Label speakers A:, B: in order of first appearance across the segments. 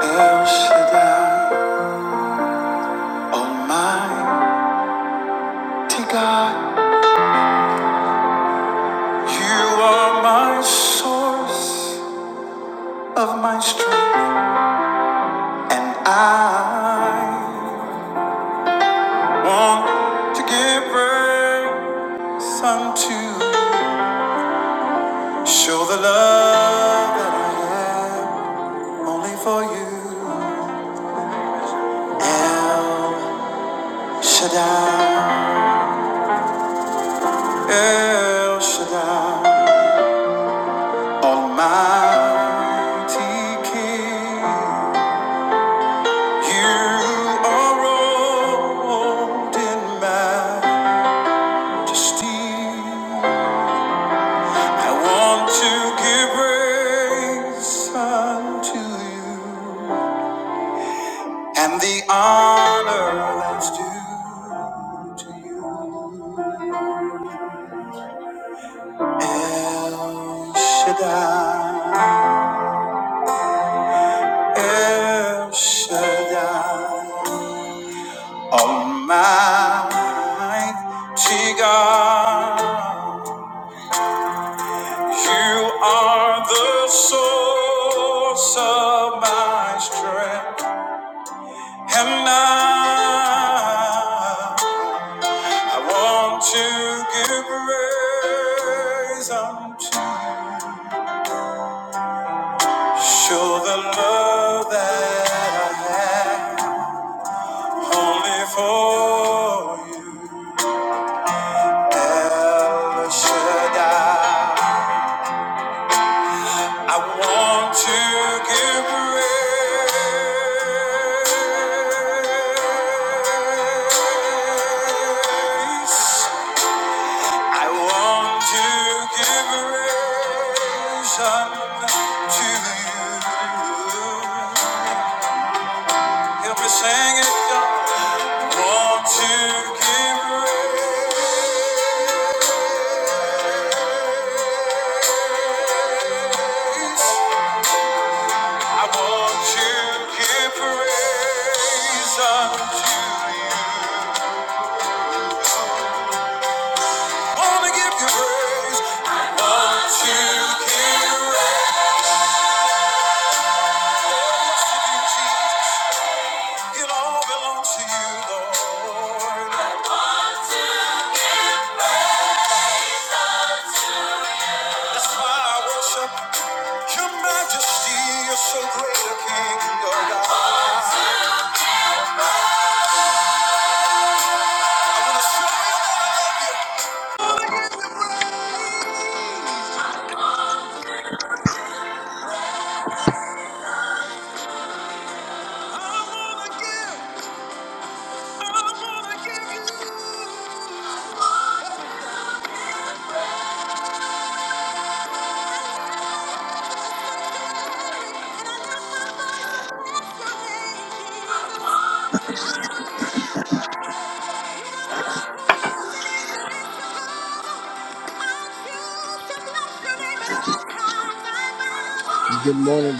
A: El Shaddai, Almighty God, you are my source of my strength, and I want to give praise unto you. Show the love that I have only for you. El Shaddai, El Shaddai, Almighty King. You are robed in majesty. I want to give praise unto you, and the honor that's due to you. El Shaddai, El Shaddai, Almighty God. You are the source of my strength, and I, I want to give praise unto you. Show the love that I have only for you, El Shaddai. I want to give praise. I want to give praise unto you. Help me sing it. I want to give praise. I want to give praise unto you. so oh Good morning,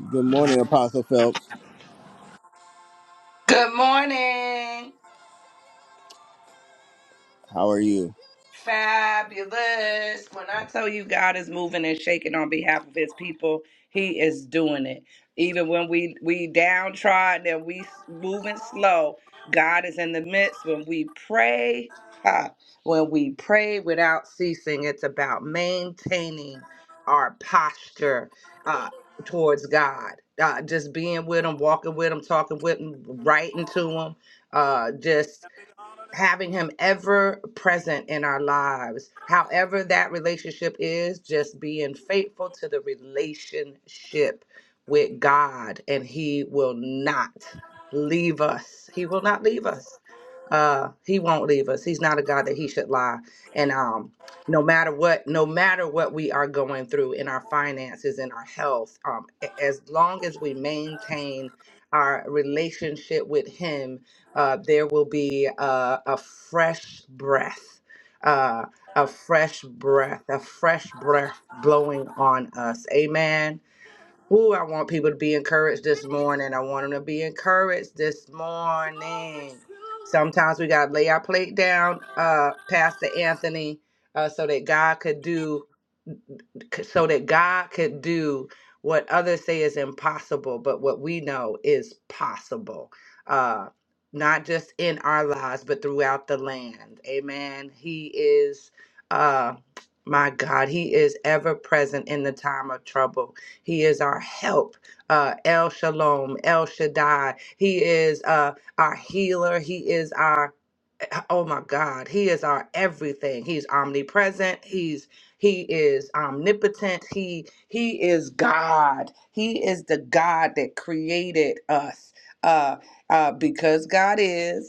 A: good, good morning, Apostle Phelps.
B: Good morning.
A: How are you?
B: Fabulous. When I tell you God is moving and shaking on behalf of his people, he is doing it. Even when we we downtrodden and we s- moving slow, God is in the midst when we pray. ha, when we pray without ceasing, it's about maintaining our posture uh, towards God. Uh, just being with him, walking with him, talking with him, writing to him, uh, just having him ever present in our lives. However, that relationship is just being faithful to the relationship with God, and he will not leave us. He will not leave us. Uh, he won't leave us. He's not a God that he should lie. And um, no matter what, no matter what we are going through in our finances, in our health, um, a- as long as we maintain our relationship with him, uh, there will be uh, a fresh breath, uh, a fresh breath, a fresh breath blowing on us. Amen. Ooh, I want people to be encouraged this morning. I want them to be encouraged this morning. Sometimes we got to lay our plate down, uh, Pastor Anthony, uh, so that God could do c- so that God could do what others say is impossible, but what we know is possible. Uh, not just in our lives, but throughout the land. Amen. He is, uh, my God, He is ever present in the time of trouble. He is our help, uh, El Shalom, El Shaddai. He is uh, our healer. He is our oh my god he is our everything he's omnipresent he's he is omnipotent he he is god he is the god that created us uh uh because god is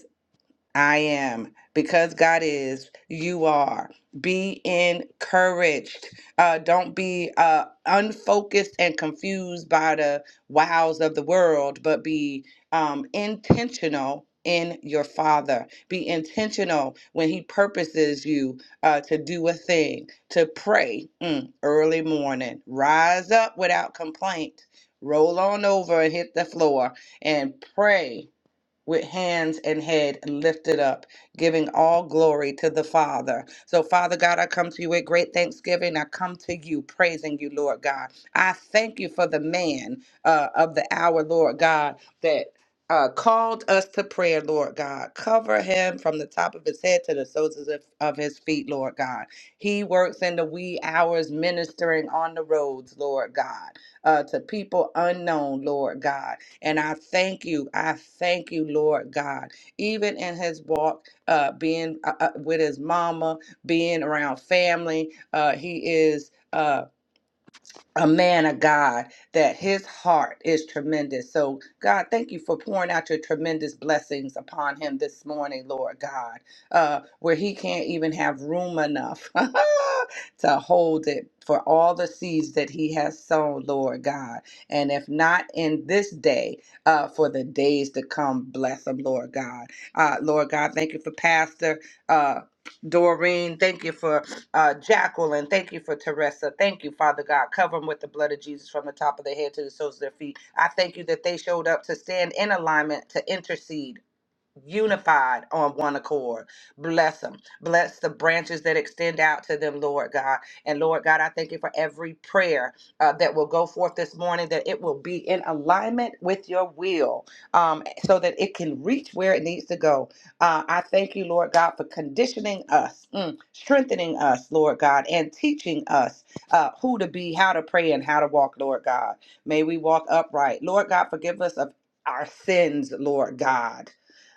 B: I am. Because God is, you are. Be encouraged. Uh, don't be uh, unfocused and confused by the wows of the world, but be um, intentional in your Father. Be intentional when He purposes you uh, to do a thing, to pray mm, early morning. Rise up without complaint. Roll on over and hit the floor and pray with hands and head lifted up, giving all glory to the Father. So, Father God, I come to you with great thanksgiving. I come to you praising you, Lord God. I thank you for the man uh, of the hour, Lord God, that. Uh, called us to prayer, Lord God. Cover him from the top of his head to the soles of, of his feet, Lord God. He works in the wee hours ministering on the roads, Lord God, uh, to people unknown, Lord God. And I thank you. I thank you, Lord God. Even in his walk, uh, being uh, uh, with his mama, being around family, uh, he is. Uh, a man of God that his heart is tremendous. So, God, thank you for pouring out your tremendous blessings upon him this morning, Lord God, uh, where he can't even have room enough to hold it for all the seeds that he has sown, Lord God. And if not in this day, uh, for the days to come, bless him, Lord God. Uh, Lord God, thank you for Pastor. Uh, Doreen, thank you for uh, Jacqueline, thank you for Teresa. Thank you, Father God. Cover them with the blood of Jesus from the top of their head to the soles of their feet. I thank you that they showed up to stand in alignment, to intercede unified on one accord. Bless them. Bless the branches that extend out to them, Lord God. And Lord God, I thank you for every prayer uh, that will go forth this morning, that it will be in alignment with your will um, so that it can reach where it needs to go. Uh, I thank you, Lord God, for conditioning us, mm, strengthening us, Lord God, and teaching us uh, who to be, how to pray, and how to walk, Lord God. May we walk upright. Lord God, forgive us of our sins, Lord God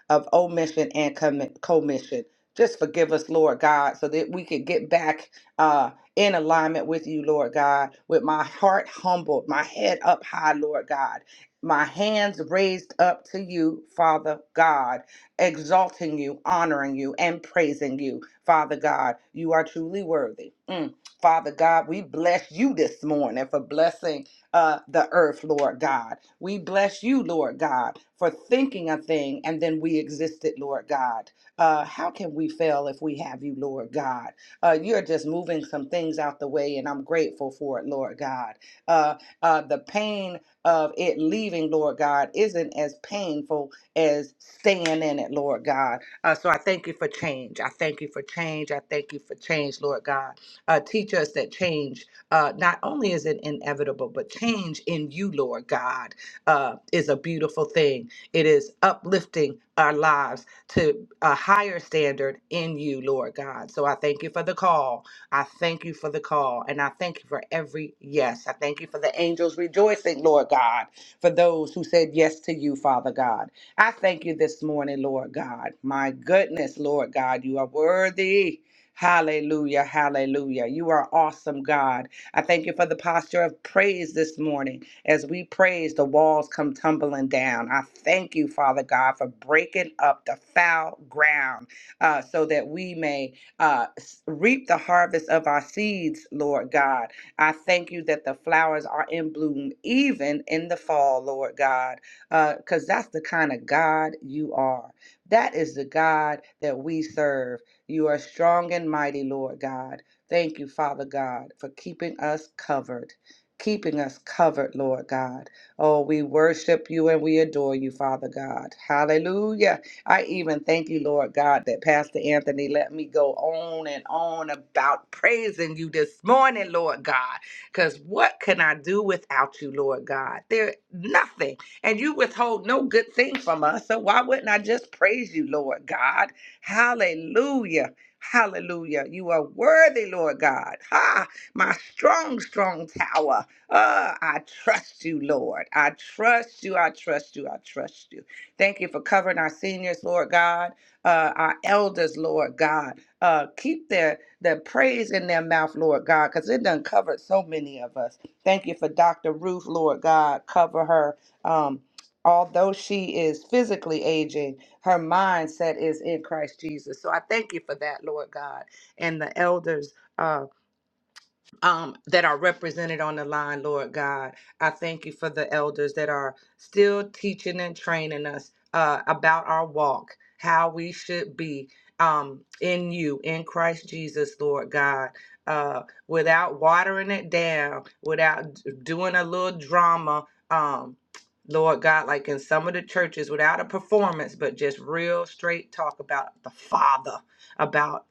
B: of omission and commi- commission. Just forgive us, Lord God, so that we could get back uh, in alignment with you, Lord God, with my heart humbled, my head up high, Lord God, my hands raised up to you, Father God, exalting you, honoring you, and praising you, Father God. You are truly worthy. Mm. Father God, we bless you this morning for blessing uh, the earth, Lord God. We bless you, Lord God, for thinking a thing and then we existed, Lord God. Uh, how can we fail if we have you, Lord God? Uh, you're just moving some things out the way, and I'm grateful for it, Lord God. Uh, uh, the pain of it leaving, Lord God, isn't as painful as staying in it, Lord God. Uh, so I thank you for change. I thank you for change. I thank you for change, Lord God. Uh, teach us that change. Uh, not only is it inevitable, but change in you, Lord God, uh, is a beautiful thing. It is uplifting our lives to a higher standard in you, Lord God. So I thank you for the call. I thank you for the call. And I thank you for every yes. I thank you for the angels rejoicing, Lord God, for those who said yes to you, Father God. I thank you this morning, Lord God. My goodness, Lord God, you are worthy. Hallelujah, hallelujah. You are awesome, God. I thank you for the posture of praise this morning. As we praise, the walls come tumbling down. I thank you, Father God, for breaking up the foul ground uh, so that we may uh, s- reap the harvest of our seeds, Lord God. I thank you that the flowers are in bloom even in the fall, Lord God, because that's the kind of God you are. That is the God that we serve. You are strong and mighty, Lord God. Thank you, Father God, for keeping us covered. Keeping us covered, Lord God. Oh, we worship you and we adore you, Father God. Hallelujah. I even thank you, Lord God, that Pastor Anthony let me go on and on about praising you this morning, Lord God. Because what can I do without you, Lord God? There nothing. And you withhold no good thing from us. So why wouldn't I just praise you, Lord God? Hallelujah. Hallelujah. You are worthy, Lord God. Ha! My strong, strong tower. Ah, I trust you, Lord. I trust you. I trust you. I trust you. Thank you for covering our seniors, Lord God, uh, our elders, Lord God. Uh, keep their, their praise in their mouth, Lord God, because it done covered so many of us. Thank you for Dr. Ruth, Lord God. Cover her. Um, although she is physically aging, her mindset is in Christ Jesus. So I thank you for that, Lord God, and the elders. uh, um, that are represented on the line, Lord God. I thank you for the elders that are still teaching and training us uh, about our walk, how we should be um, in you, in Christ Jesus, Lord God. Uh, without watering it down, without d- doing a little drama, um, Lord God, like in some of the churches, without a performance, but just real straight talk about the Father, about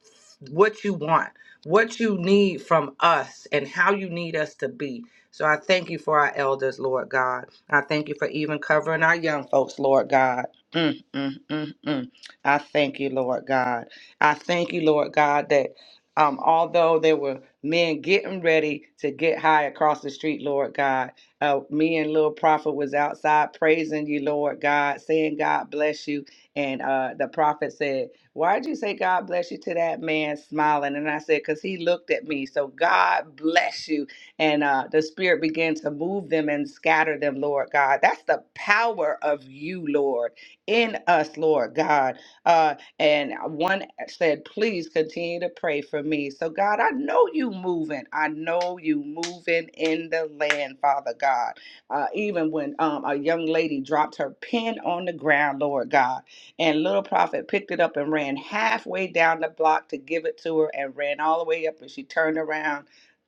B: what you want what you need from us and how you need us to be. So I thank you for our elders, Lord God. I thank you for even covering our young folks, Lord God. Mm, mm, mm, mm. I thank you, Lord God. I thank you, Lord God, that um, although there were men getting ready to get high across the street, Lord God, uh, me and Lil Prophet was outside praising you, Lord God, saying God bless you. And uh, the prophet said, Why'd you say God bless you to that man smiling? And I said, Because he looked at me. So God bless you. And uh, the Spirit began to move them and scatter them, Lord God. That's the power of you, Lord, in us, Lord God. Uh, and one said, Please continue to pray for me. So, God, I know you moving. I know you moving in the land, Father God. Uh, even when um, a young lady dropped her pen on the ground, Lord God. And little prophet picked it up and ran halfway down the block to give it to her and ran all the way up. And she turned around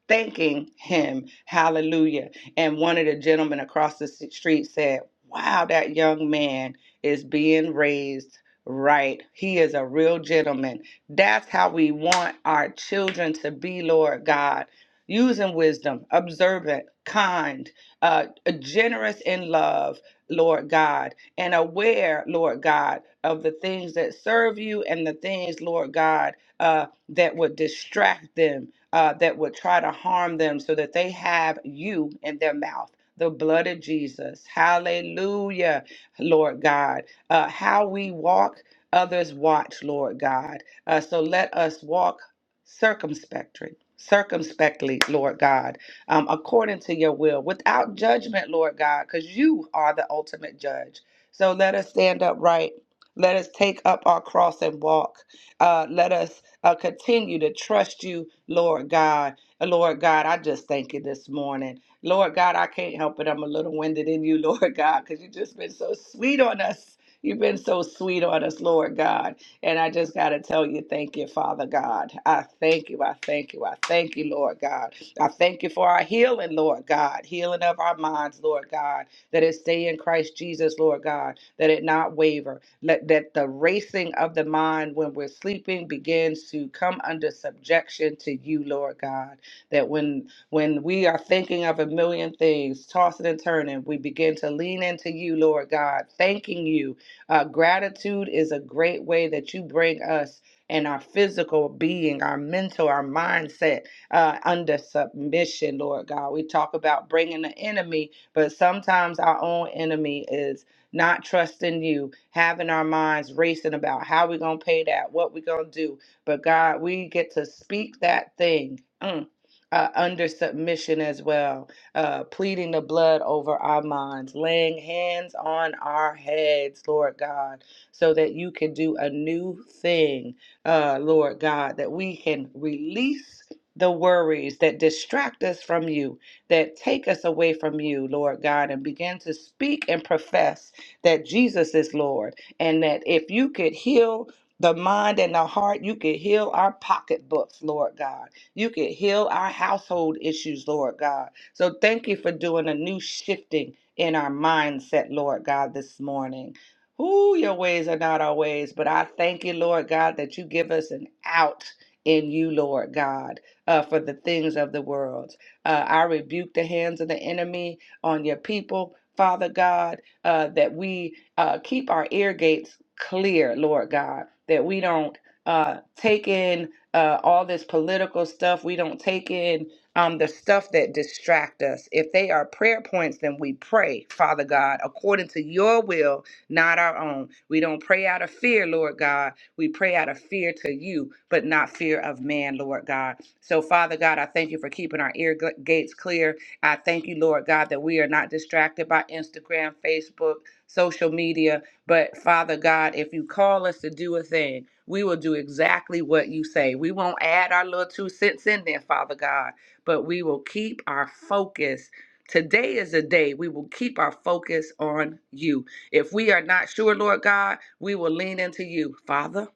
B: thanking him. Hallelujah. And one of the gentlemen across the street said, Wow, that young man is being raised right. He is a real gentleman. That's how we want our children to be, Lord God. Using wisdom, observant, kind, uh, uh, generous in love, Lord God and aware, Lord God, of the things that serve you and the things, Lord God, uh, that would distract them, uh, that would try to harm them so that they have you in their mouth. The blood of Jesus. Hallelujah, Lord God. Uh, how we walk, others watch, Lord God. Uh, so let us walk circumspectly, circumspectly, Lord God, um, according to your will, without judgment, Lord God, because you are the ultimate judge. So let us stand upright. Let us take up our cross and walk. Uh, let us uh, continue to trust you, Lord God. And Lord God, I just thank you this morning. Lord God, I can't help it. I'm a little winded in you, Lord God, because you've just been so sweet on us. You've been so sweet on us, Lord God. And I just got to tell you, thank you, Father God. I thank you. I thank you. I thank you, Lord God. I thank you for our healing, Lord God, healing of our minds, Lord God that it stay in Christ Jesus, Lord God, that it not waver. Let that the racing of the mind when we're sleeping begins to come under subjection to you, Lord God. That when when we are thinking of a million things, tossing and turning, we begin to lean into you, Lord God, thanking you. Uh, gratitude is a great way that you bring us and our physical being, our mental, our mindset uh, under submission, Lord God. We talk about bringing the enemy but sometimes our own enemy is not trusting you, having our minds racing about how we're going to pay that, what we're going to do. But God, we get to speak that thing. mm, uh, under submission as well, uh, pleading the blood over our minds, laying hands on our heads, Lord God, so that you can do a new thing, uh, Lord God, that we can release the worries that distract us from you, that take us away from you, Lord God, and begin to speak and profess that Jesus is Lord, and that if you could heal the mind and the heart, you could heal our pocketbooks, Lord God. You could heal our household issues, Lord God. So thank you for doing a new shifting in our mindset, Lord God, this morning. Ooh, your ways are not our ways, but I thank you, Lord God, that you give us an out in you, Lord God, uh, for the things of the world. Uh, I rebuke the hands of the enemy on your people, Father God, uh, that we uh, keep our ear gates clear, Lord God, that we don't uh, take in uh, all this political stuff. We don't take in um, the stuff that distract us. If they are prayer points, then we pray, Father God, according to your will, not our own. We don't pray out of fear, Lord God we pray out of fear to you, but not fear of man, Lord God. So, Father God, I thank you for keeping our ear g- gates clear. I thank you, Lord God, that we are not distracted by Instagram, Facebook, social media. But, Father God, if you call us to do a thing, we will do exactly what you say. We won't add our little two cents in there, Father God, but we will keep our focus. Today is a day we will keep our focus on you. If we are not sure, Lord God, we will lean into you, Father,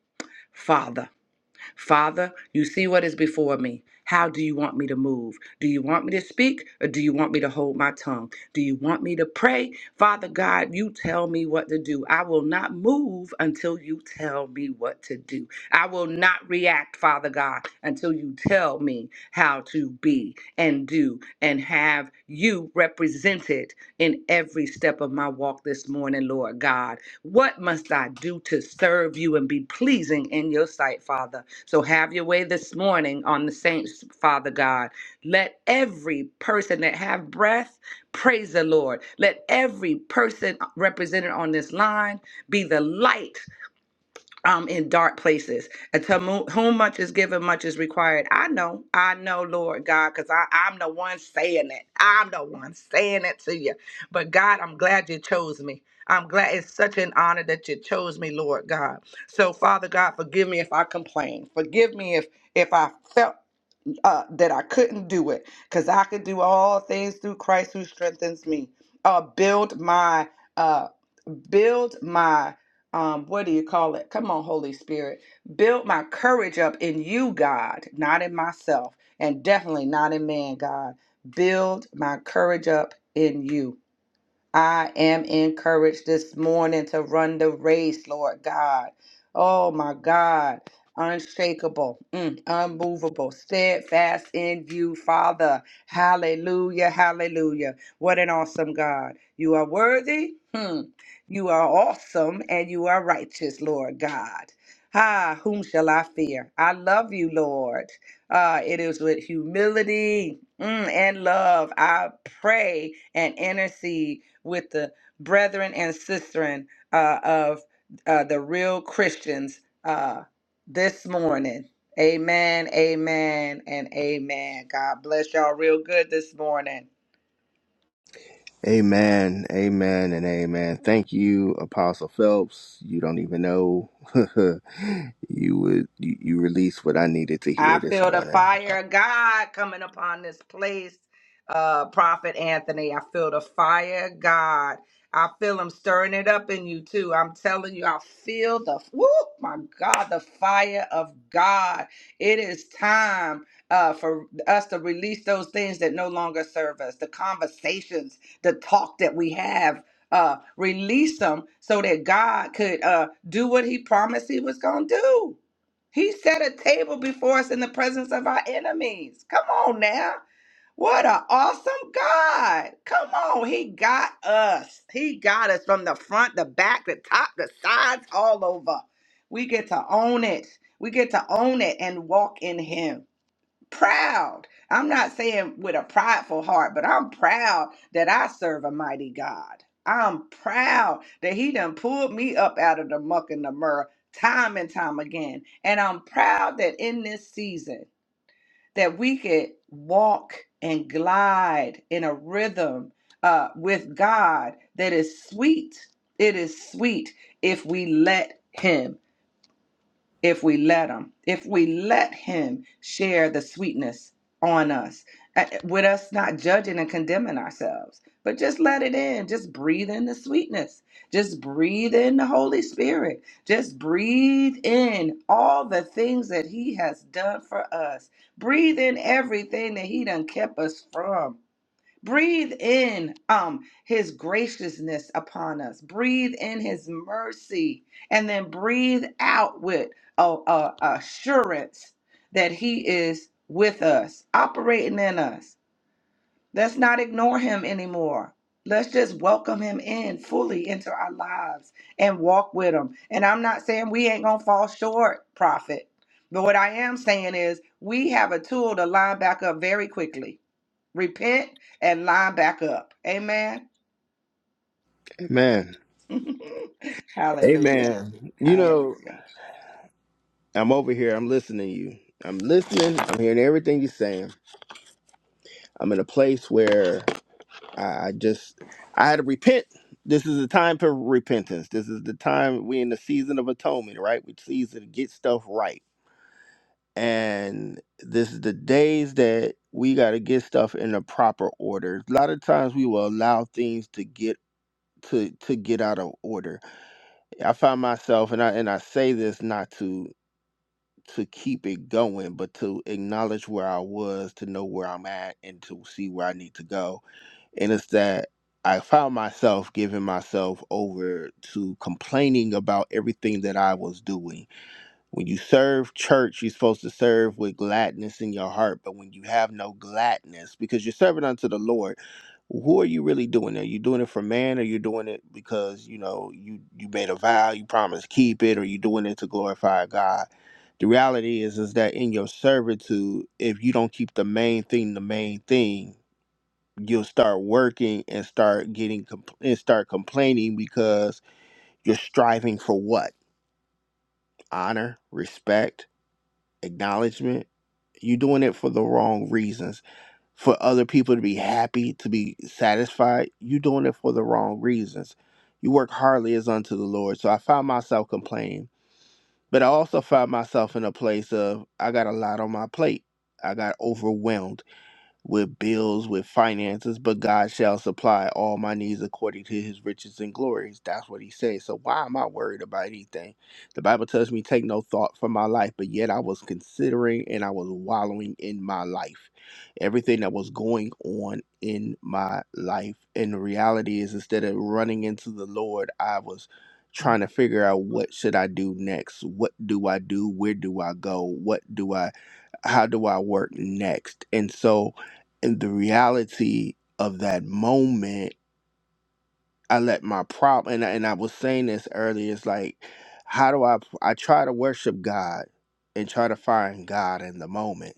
B: Father. Father, you see what is before me. How do you want me to move? Do you want me to speak or do you want me to hold my tongue? Do you want me to pray? Father God, you tell me what to do. I will not move until you tell me what to do. I will not react, Father God, until you tell me how to be and do and have you represented in every step of my walk this morning, Lord God. What must I do to serve you and be pleasing in your sight, Father? So have your way this morning on the saints, Father God. Let every person that have breath praise the Lord. Let every person represented on this line be the light um, in dark places. And to mo- whom much is given, much is required. I know, I know, Lord God, because I'm the one saying it. I'm the one saying it to you. But God, I'm glad you chose me. I'm glad it's such an honor that you chose me, Lord God. So, Father God, forgive me if I complain. Forgive me if if I felt uh, that I couldn't do it, because I could do all things through Christ who strengthens me. Uh, build my uh build my um what do you call it come on holy spirit build my courage up in you god not in myself and definitely not in man god build my courage up in you I am encouraged this morning to run the race, Lord God. Oh my God. Unshakable, mm, unmovable, steadfast in you, Father. Hallelujah, hallelujah. What an awesome God. You are worthy, hmm. you are awesome, and you are righteous, Lord God. Ah, whom shall I fear? I love you, Lord. Uh, it is with humility mm, and love I pray and intercede with the brethren and sistren uh, of uh, the real Christians uh, this morning. Amen, amen, and amen. God bless y'all real good this morning.
A: Amen, amen, and amen. Thank you, Apostle Phelps. You don't even know you would you, you released what I needed to
B: I
A: hear this
B: feel the
A: morning.
B: fire of God coming upon this place, uh, Prophet Anthony. I feel the fire of God. I feel him stirring it up in you too. I'm telling you, I feel the whoo, my God, the fire of God. It is time uh, for us to release those things that no longer serve us, the conversations, the talk that we have. Uh, release them so that God could uh, do what He promised He was going to do. He set a table before us in the presence of our enemies. Come on now. What an awesome God. Come on. He got us. He got us from the front, the back, the top, the sides, all over. We get to own it. We get to own it and walk in Him proud. I'm not saying with a prideful heart, but I'm proud that I serve a mighty God. I'm proud that He done pulled me up out of the muck and the mire time and time again. And I'm proud that in this season that we could walk and glide in a rhythm uh, with God that is sweet. It is sweet if we let Him if we let him if we let him share the sweetness on us uh, with us not judging and condemning ourselves but just let it in just breathe in the sweetness just breathe in the holy spirit just breathe in all the things that he has done for us breathe in everything that he done kept us from Breathe in um, his graciousness upon us. Breathe in his mercy. And then breathe out with a, a assurance that he is with us, operating in us. Let's not ignore him anymore. Let's just welcome him in fully into our lives and walk with him. And I'm not saying we ain't going to fall short, prophet. But what I am saying is we have a tool to line back up very quickly repent and line back up. Amen.
A: Amen,
B: Hallelujah.
A: amen. You know,
B: Hallelujah.
A: I'm over here. I'm listening to you. I'm listening. I'm hearing everything you're saying. I'm in a place where I, I just I had to repent. This is a time for repentance. This is the time we in the season of atonement, right? We season to get stuff right and this is the days that we got to get stuff in the proper order. A lot of times we will allow things to get to to get out of order. I find myself and I and I say this not to to keep it going, but to acknowledge where I was, to know where I'm at and to see where I need to go. And it's that I found myself giving myself over to complaining about everything that I was doing when you serve church, you're supposed to serve with gladness in your heart. But when you have no gladness, because you're serving unto the Lord, who are you really doing it? Are you doing it for man, or you doing it because you know you you made a vow, you promised to keep it, or you doing it to glorify God? The reality is, is that in your servitude, if you don't keep the main thing, the main thing, you'll start working and start getting compl- and start complaining because you're striving for what honor, respect acknowledgement you're doing it for the wrong reasons for other people to be happy to be satisfied you're doing it for the wrong reasons you work hardly as unto the lord so i found myself complaining but i also found myself in a place of i got a lot on my plate i got overwhelmed with bills, with finances, but God shall supply all my needs according to his riches and glories. That's what he says. So why am I worried about anything? The Bible tells me take no thought for my life, but yet I was considering and I was wallowing in my life. Everything that was going on in my life. And the reality is instead of running into the Lord, I was trying to figure out what should I do next? What do I do? Where do I go? What do I how do I work next? And so, in the reality of that moment, I let my problem, and, I- and I was saying this earlier, it's like, how do I, I try to worship God and try to find God in the moment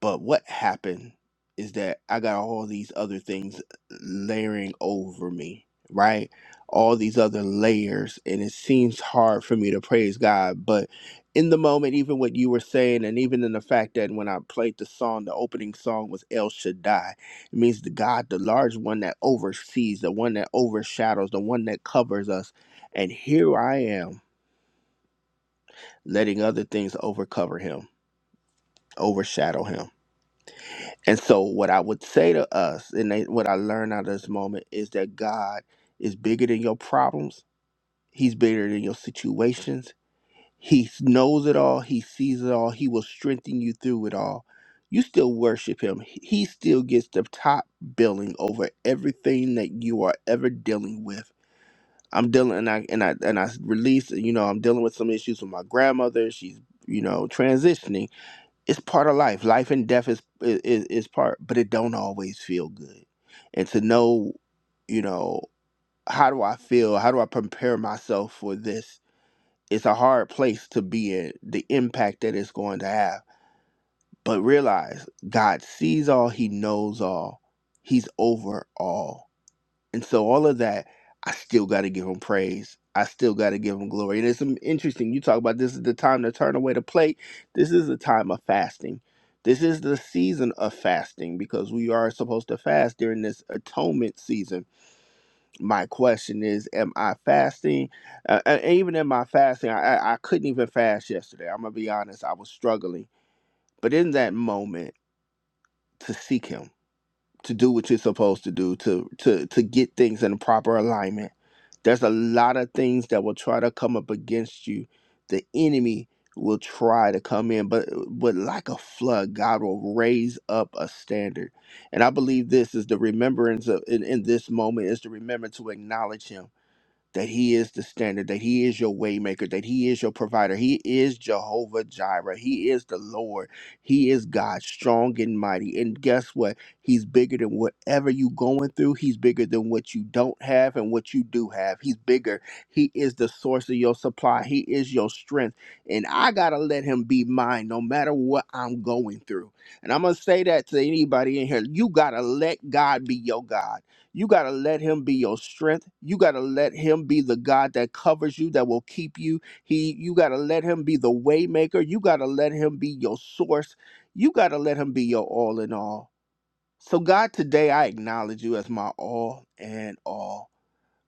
A: but what happened is that I got all these other things layering over me, right? All these other layers, and it seems hard for me to praise God. But in the moment, even what you were saying, and even in the fact that when I played the song, the opening song was El Shaddai. It means the God, the large one that oversees, the one that overshadows, the one that covers us. And here I am, letting other things overcover him, overshadow him And so, what I would say to us, and they, what I learned out of this moment, is that God is bigger than your problems. He's bigger than your situations. He knows it all. He sees it all. He will strengthen you through it all. You still worship Him. He still gets the top billing over everything that you are ever dealing with. I'm dealing, and I and I and I release. You know, I'm dealing with some issues with my grandmother. She's you know transitioning it's part of life. Life and death is, is is part, but it don't always feel good. And to know, you know, how do I feel? How do I prepare myself for this? It's a hard place to be in. The impact that it's going to have, but realize God sees all. He knows all. He's over all and so all of that, I still got to give him praise. I still got to give him glory. And it's some interesting. You talk about this is the time to turn away the plate. This is the time of fasting. This is the season of fasting because we are supposed to fast during this atonement season. My question is, am I fasting? Uh, and even in my fasting, I, I I couldn't even fast yesterday. I'm gonna be honest, I was struggling. But in that moment, to seek Him to do what you're supposed to do to to to get things in proper alignment there's a lot of things that will try to come up against you the enemy will try to come in but but like a flood god will raise up a standard and i believe this is the remembrance of in, in this moment is the remember to acknowledge him that he is the standard, that he is your waymaker, that he is your provider. He is Jehovah Jireh. He is the Lord. He is God, strong and mighty. And guess what? He's bigger than whatever you going through. He's bigger than what you don't have and what you do have. He's bigger. He is the source of your supply. He is your strength. And I got to let him be mine no matter what I'm going through. And I'm going to say that to anybody in here. You got to let God be your God. You got to let him be your strength. You got to let him be the God that covers you, that will keep you. He you got to let him be the waymaker. You got to let him be your source. You got to let him be your all in all. So God, today I acknowledge you as my all and all.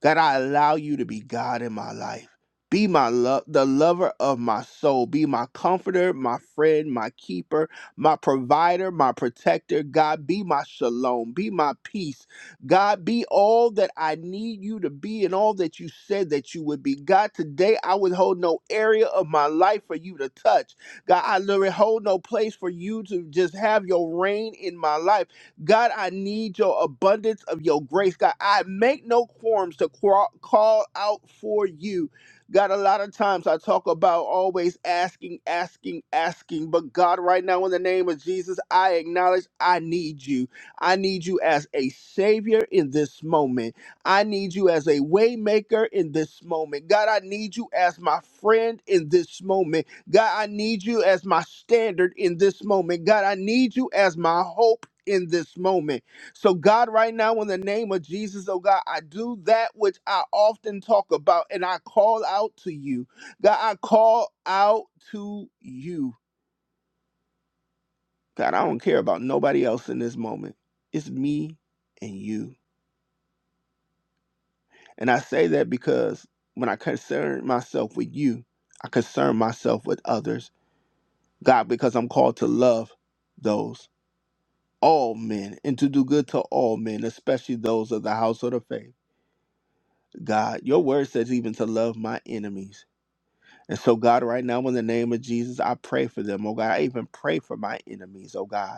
A: God, I allow you to be God in my life. Be my love, the lover of my soul. Be my comforter, my friend, my keeper, my provider, my protector. God, be my shalom. Be my peace. God, be all that I need you to be and all that you said that you would be. God, today I withhold no area of my life for you to touch. God, I literally hold no place for you to just have your reign in my life. God, I need your abundance of your grace. God, I make no quorums to qua- call out for you. God, a lot of times I talk about always asking, asking, asking. But God, right now, in the name of Jesus, I acknowledge I need you. I need you as a savior in this moment. I need you as a waymaker in this moment. God, I need you as my friend in this moment. God, I need you as my standard in this moment. God, I need you as my hope in this moment. So, God, right now, in the name of Jesus, oh God, I do that which I often talk about and I call out to you. God, I call out to you. God, I don't care about nobody else in this moment. It's me and you. And I say that because when I concern myself with you, I concern myself with others. God, because I'm called to love those. all men and to do good to all men, especially those of the household of faith. God, your word says even to love my enemies. And so, God, right now, in the name of Jesus, I pray for them, oh God. I even pray for my enemies, oh God.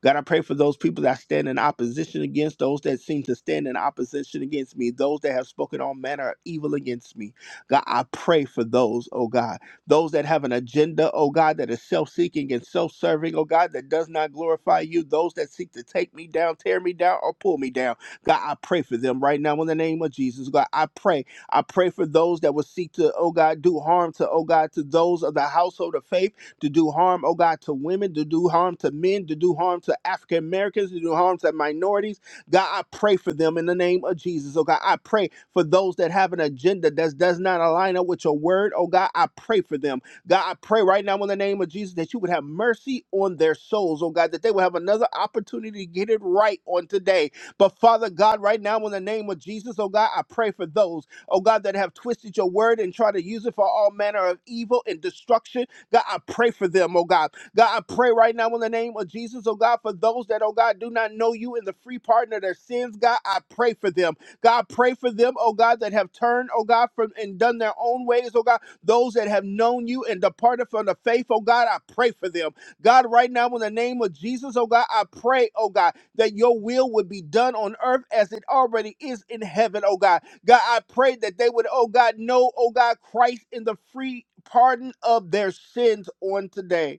A: God, I pray for those people that stand in opposition against, those that seem to stand in opposition against me, those that have spoken all manner of evil against me. God, I pray for those, oh God, those that have an agenda, oh God, that is self seeking and self serving, oh God, that does not glorify you, those that seek to take me down, tear me down, or pull me down. God, I pray for them right now in the name of Jesus. God, I pray. I pray for those that will seek to, oh God, do harm to, oh God, to those of the household of faith to do harm, oh God, to women, to do harm to men, to do harm to African Americans, to do harm to minorities. God, I pray for them in the name of Jesus. Oh God, I pray for those that have an agenda that does not align up with your word. Oh God, I pray for them. God, I pray right now in the name of Jesus that you would have mercy on their souls, oh God, that they will have another opportunity to get it right on today. But Father God, right now in the name of Jesus, oh God, I pray for those, oh God, that have twisted your word and try to use it for all manner of evil and destruction. God, I pray for them, oh God. God, I pray right now in the name of Jesus, oh God, for those that, oh God, do not know you in the free pardon of their sins, God, I pray for them. God, pray for them, oh God, that have turned, oh God, from and done their own ways, oh God. Those that have known you and departed from the faith, oh God, I pray for them. God, right now, in the name of Jesus, oh God, I pray, oh God, that your will would be done on earth as it already is in heaven, oh God. God, I pray that they would, oh God, know, oh God, Christ in the free pardon of their sins on today.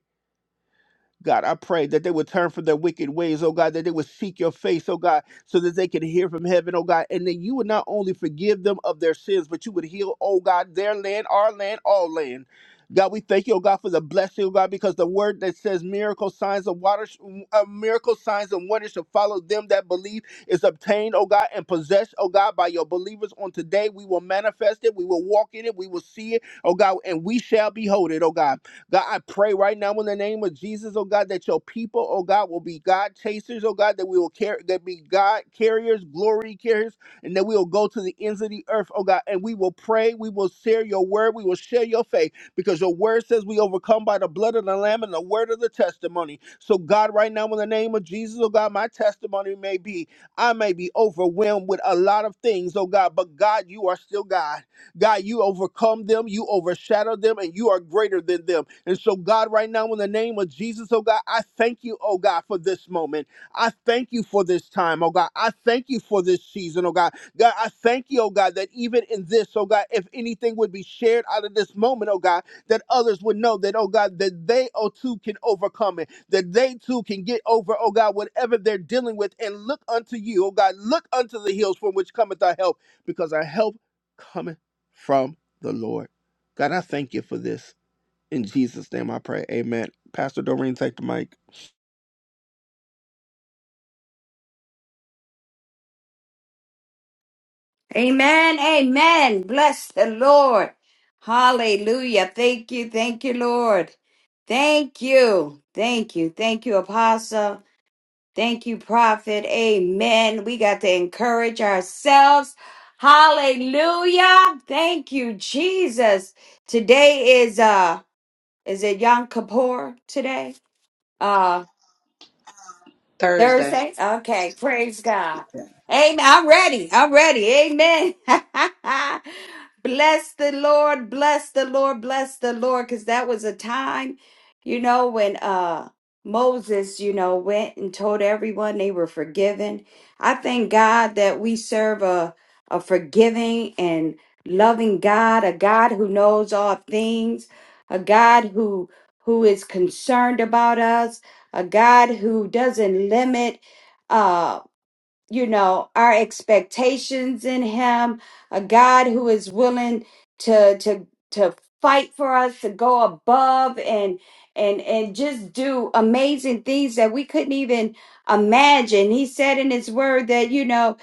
A: God, I pray that they would turn from their wicked ways, oh God, that they would seek your face, oh God, so that they could hear from heaven, oh God, and that you would not only forgive them of their sins, but you would heal, oh God, their land, our land, all land. God, we thank you, oh God, for the blessing, oh God, because the word that says miracle signs of water, uh, miracle signs and wonders shall follow them that believe is obtained, oh God, and possessed, oh God, by your believers on today. We will manifest it, we will walk in it, we will see it, oh God, and we shall behold it, oh God. God, I pray right now in the name of Jesus, oh God, that your people, oh God, will be God chasers, oh God, that we will carry that be God carriers, glory carriers, and that we will go to the ends of the earth, oh God, and we will pray, we will share your word, we will share your faith, because your word says we overcome by the blood of the Lamb and the word of the testimony. So, God, right now in the name of Jesus, oh God, my testimony may be, I may be overwhelmed with a lot of things, oh God, but God, you are still God. God, you overcome them, you overshadow them, and you are greater than them. And so, God, right now, in the name of Jesus, oh God, I thank you, oh God, for this moment. I thank you for this time, oh God. I thank you for this season, oh God. God, I thank you, oh God, that even in this, oh God, if anything would be shared out of this moment, oh God, that others would know that, oh God, that they, oh too, can overcome it, that they too can get over, oh God, whatever they're dealing with and look unto you, oh God, look unto the hills from which cometh our help, because our help cometh from the Lord. God, I thank you for this. In Jesus' name I pray. Amen. Pastor Doreen, take the mic.
C: Amen. Amen. Bless the Lord. Hallelujah. Thank you. Thank you, Lord. Thank you. Thank you. Thank you, Apostle. Thank you, Prophet. Amen. We got to encourage ourselves. Hallelujah. Thank you, Jesus. Today is uh is it Yom Kippur today? Uh,
B: Thursday.
C: Thursday? Okay, praise God. Amen. I'm ready. I'm ready. Amen. bless the Lord, bless the Lord, bless the Lord. Because that was a time, you know, when uh Moses, you know, went and told everyone they were forgiven. I thank God that we serve a, a forgiving and loving God, a God who knows all things, a God who who is concerned about us a God who doesn't limit. Uh, you know our expectations in him a god who is willing to to to fight for us to go above and and and just do amazing things that we couldn't even imagine he said in his word that you know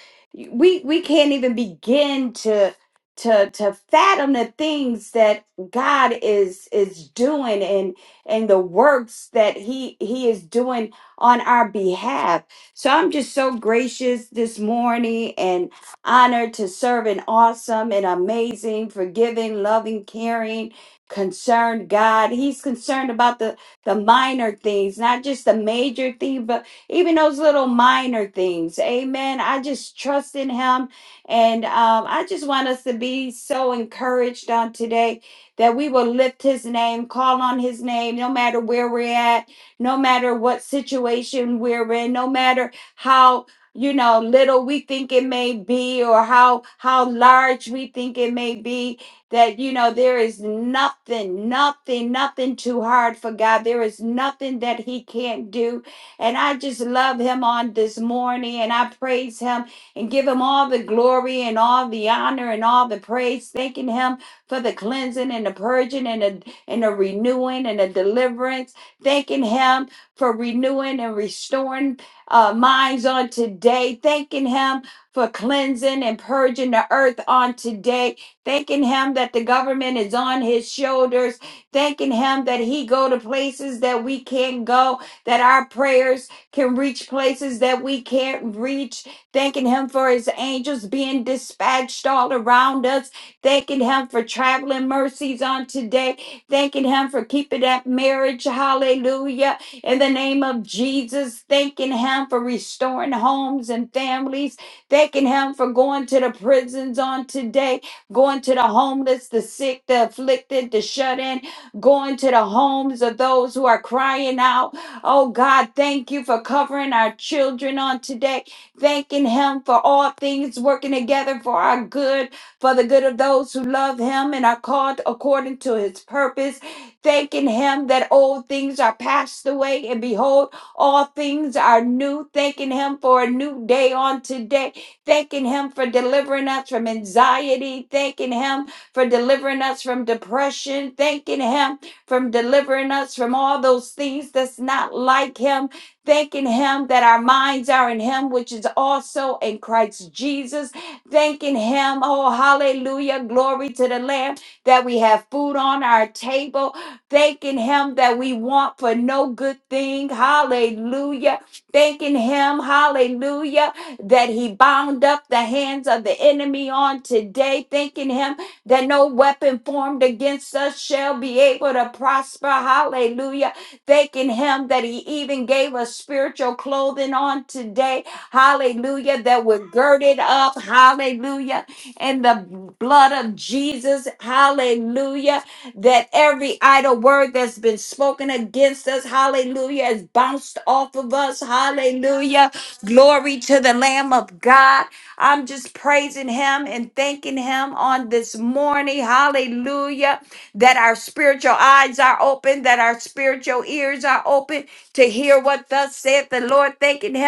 C: we we can't even begin to to to fathom the things that god is is doing and and the works that he he is doing on our behalf so I'm just so gracious this morning and honored to serve an awesome and amazing, forgiving, loving, caring, concerned God. He's concerned about the, the minor things, not just the major thing, but even those little minor things. Amen. I just trust in Him. And um, I just want us to be so encouraged on today that we will lift His name, call on His name, no matter where we're at no matter what situation we're in, no matter how you know little we think it may be or how how large we think it may be that you know there is nothing nothing nothing too hard for god there is nothing that he can't do and i just love him on this morning and i praise him and give him all the glory and all the honor and all the praise thanking him for the cleansing and the purging and the and the renewing and the deliverance thanking Him for renewing and restoring uh, minds on today, thanking Him for cleansing and purging the earth on today, thanking Him that the government is on His shoulders, thanking Him that He go to places that we can't go, that our prayers can reach places that we can't reach, thanking Him for His angels being dispatched all around us, thanking Him for traveling mercies on today Thanking Him for keeping that marriage. Hallelujah. In the name of Jesus, thanking Him for restoring homes and families. Thanking Him for going to the prisons on today, going to the homeless, the sick, the afflicted, the shut in, going to the homes of those who are crying out. Oh God, thank you for covering our children on today. Thanking Him for all things working together for our good for the good of those who love him and are called according to his purpose, thanking him that old things are passed away and behold, all things are new, thanking him for a new day on today, thanking him for delivering us from anxiety, thanking him for delivering us from depression, thanking him from delivering us from all those things that's not like him, thanking him that our minds are in him, which is also in Christ Jesus thanking Him. Oh, hallelujah. Glory to the Lamb that we have food on our table, thanking Him that we want for no good thing. Hallelujah. Thanking Him, hallelujah, that He bound up the hands of the enemy on today. Thanking Him that no weapon formed against us shall be able to prosper. Hallelujah. Thanking Him that He even gave us spiritual clothing on today. Hallelujah. That we're girded up. Hallelujah. In the blood of Jesus. Hallelujah. That every idle word that's been spoken against us. Hallelujah. Has bounced off of us. Hallelujah. Glory to the Lamb of God. I'm just praising him and thanking him on this morning. Hallelujah. That our spiritual eyes are open, that our spiritual ears are open to hear what thus saith the Lord. Thanking him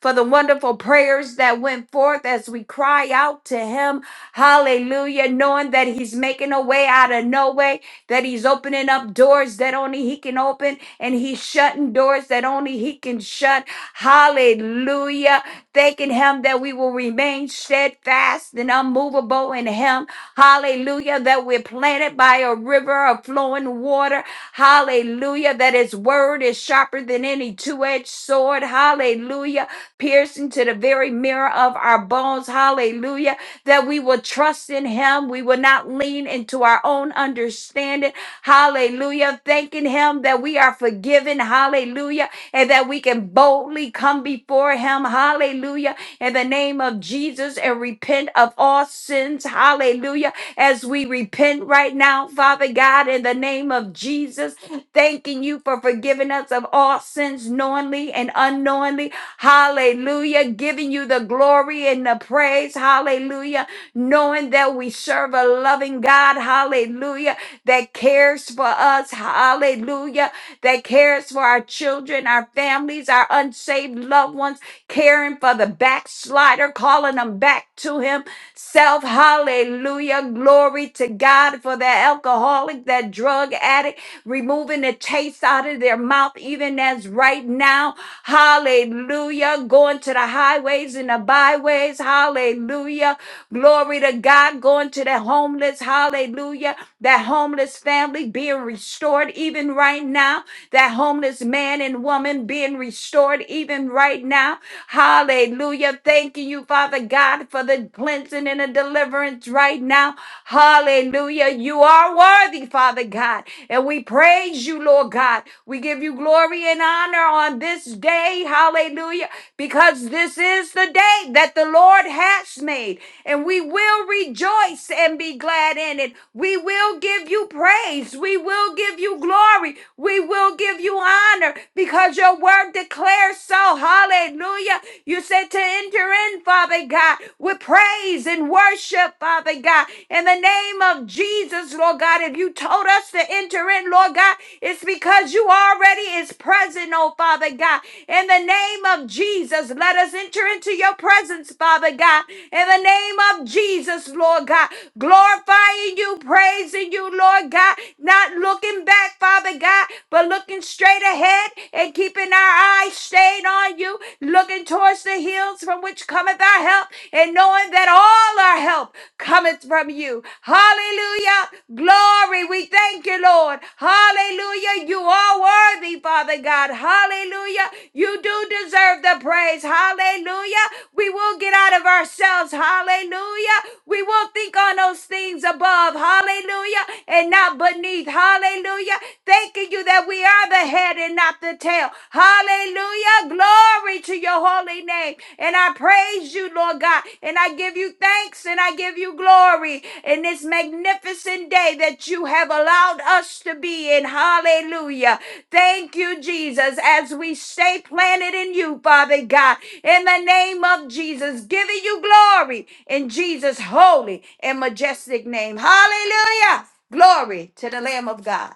C: for the wonderful prayers that went forth as we cry out to Him. Hallelujah. Knowing that He's making a way out of no way, that He's opening up doors that only He can open, and He's shutting doors that only He can shut. Hallelujah. Thanking Him that we will remain steadfast and unmovable in Him. Hallelujah. That we're planted by a river of flowing water. Hallelujah. That His word is sharper than any two edged sword. Hallelujah piercing to the very mirror of our bones. Hallelujah. That we will trust in him. We will not lean into our own understanding. Hallelujah. Thanking him that we are forgiven. Hallelujah. And that we can boldly come before him. Hallelujah. In the name of Jesus and repent of all sins. Hallelujah. As we repent right now, Father God, in the name of Jesus, thanking you for forgiving us of all sins knowingly and unknowingly. Hallelujah. Giving you the glory and the praise. Hallelujah. Knowing that we serve a loving God. Hallelujah. That cares for us. Hallelujah. That cares for our children, our families, our unsaved loved ones. Caring for the backslider, calling them back to Himself. Hallelujah. Glory to God for the alcoholic, that drug addict, removing the taste out of their mouth, even as right now. Hallelujah. Going to the highways and the byways. Hallelujah. Glory to God. Going to the homeless. Hallelujah. That homeless family being restored even right now. That homeless man and woman being restored even right now. Hallelujah. Thanking you, Father God, for the cleansing and the deliverance right now. Hallelujah. You are worthy, Father God. And we praise you, Lord God. We give you glory and honor on this day. Hallelujah. Because this is the day that the Lord has made, and we will rejoice and be glad in it. We will give you praise. We will give you glory. We will give you honor because your word declares so. Hallelujah. You said to enter in, Father God, with praise and worship, Father God. In the name of Jesus, Lord God, if you told us to enter in, Lord God, it's because you already is present, oh Father God. In the name of Jesus, let us enter into your presence, Father God. In the name of Jesus, Lord God, glorifying you, praising you, Lord God, not looking looking back, Father God, but looking straight ahead and keeping our eyes stayed on you, looking towards the hills from which cometh our help, and knowing that all our help cometh from you. Hallelujah. Glory. We thank you, Lord. Hallelujah. You are worthy, Father God. Hallelujah. You do deserve the praise. Hallelujah. We will get out of ourselves. Hallelujah. We will think on those things above. Hallelujah. And not but beneath. Hallelujah. Thanking you that we are the head and not the tail. Hallelujah. Glory to your holy name. And I praise you, Lord God. And I give you thanks and I give you glory in this magnificent day that you have allowed us to be in. Hallelujah. Thank you, Jesus, as we stay planted in you, Father God, in the name of Jesus, giving you glory in Jesus' holy and majestic name. Hallelujah. Glory to the Lamb of God.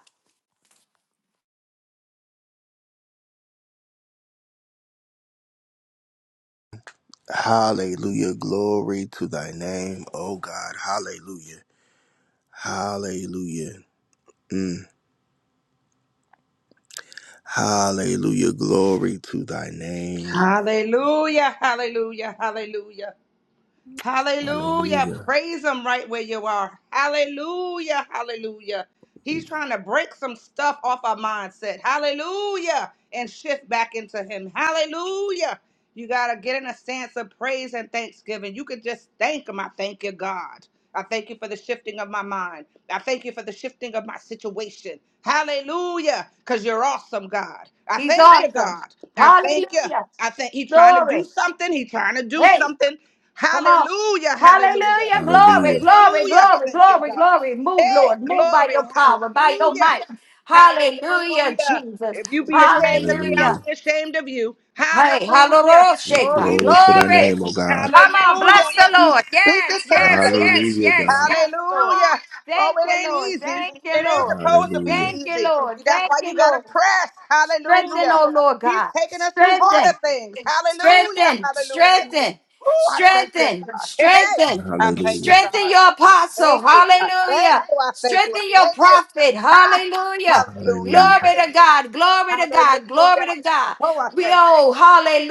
A: Hallelujah. Glory to thy name, oh God. Hallelujah. Hallelujah. Mm. Hallelujah. Glory to thy name.
B: Hallelujah, hallelujah, hallelujah. Hallelujah.
A: Hallelujah.
B: Praise him right where you are. Hallelujah. Hallelujah. He's trying to break some stuff off our mindset. Hallelujah. And shift back into him. Hallelujah. You got to get in a stance of praise and thanksgiving. You could just thank him. I thank you, God. I thank you for the shifting of my mind. I thank you for the shifting of my situation. Hallelujah. Because you're awesome, God. I
C: He's
B: thank you,
C: awesome.
B: God. I thank you.
C: Hallelujah.
B: I think He's trying to do
C: Glory.
B: something. He's trying to do
C: Hey,
B: something.
C: come on.
B: Hallelujah, hallelujah,
C: Hallelujah. Glory,
A: Hallelujah.
C: glory,
B: hallelujah.
C: glory,
B: Thank you,
C: glory,
B: God.
C: glory. Move,
B: Hey,
C: Lord. Move by
B: glory,
C: your power, by your
B: hallelujah,
C: might. Hallelujah,
B: hallelujah.
C: Jesus.
B: If you be ashamed of me, I'll
C: Hallelujah.
A: Hallelujah.
B: be ashamed of you.
C: Hey,
B: Hallelujah. Oh,
C: hallelujah.
B: he's
A: Glory to thy
C: Glory.
B: speaking.
A: name, oh God.
C: Come on, bless
B: Hallelujah.
C: the
B: He's
C: Lord.
B: speaking
C: Yes,
B: to the
C: yes,
B: saints.
C: yes,
A: Hallelujah,
C: yes,
A: God.
C: yes, Lord.
B: Hallelujah. Oh,
C: Thank
B: it
C: you,
B: ain't
C: Lord.
B: easy.
C: Thank
B: It
C: you,
B: ain't
C: Lord.
B: supposed to be
A: Hallelujah.
C: Thank you,
B: easy.
C: Lord.
B: That's
C: Thank
B: why you
C: you,
B: got
C: Lord.
B: to press.
C: Strengthen,
B: Hallelujah.
C: oh Lord
B: He's
C: God.
B: taking us through
C: Strengthen,
B: harder things. Hallelujah.
C: strengthen,
B: Hallelujah.
C: strengthen,
B: Oh, I thank you,
C: strengthen,
B: God. Hey, hey.
C: strengthen,
B: I thank you,
A: Hallelujah.
C: strengthen
B: God.
C: your
B: I
C: apostle.
B: thank you. I thank
C: Hallelujah.
B: you. I thank you.
C: Strengthen
B: I
C: your
B: thank you.
C: prophet.
B: Ha!
C: Hallelujah.
B: Hallelujah.
A: Hallelujah.
C: Glory to God.
B: Hallelujah.
C: Glory to God. Glory to God.
B: Hallelujah. Oh, I
C: We
B: thank
C: oh,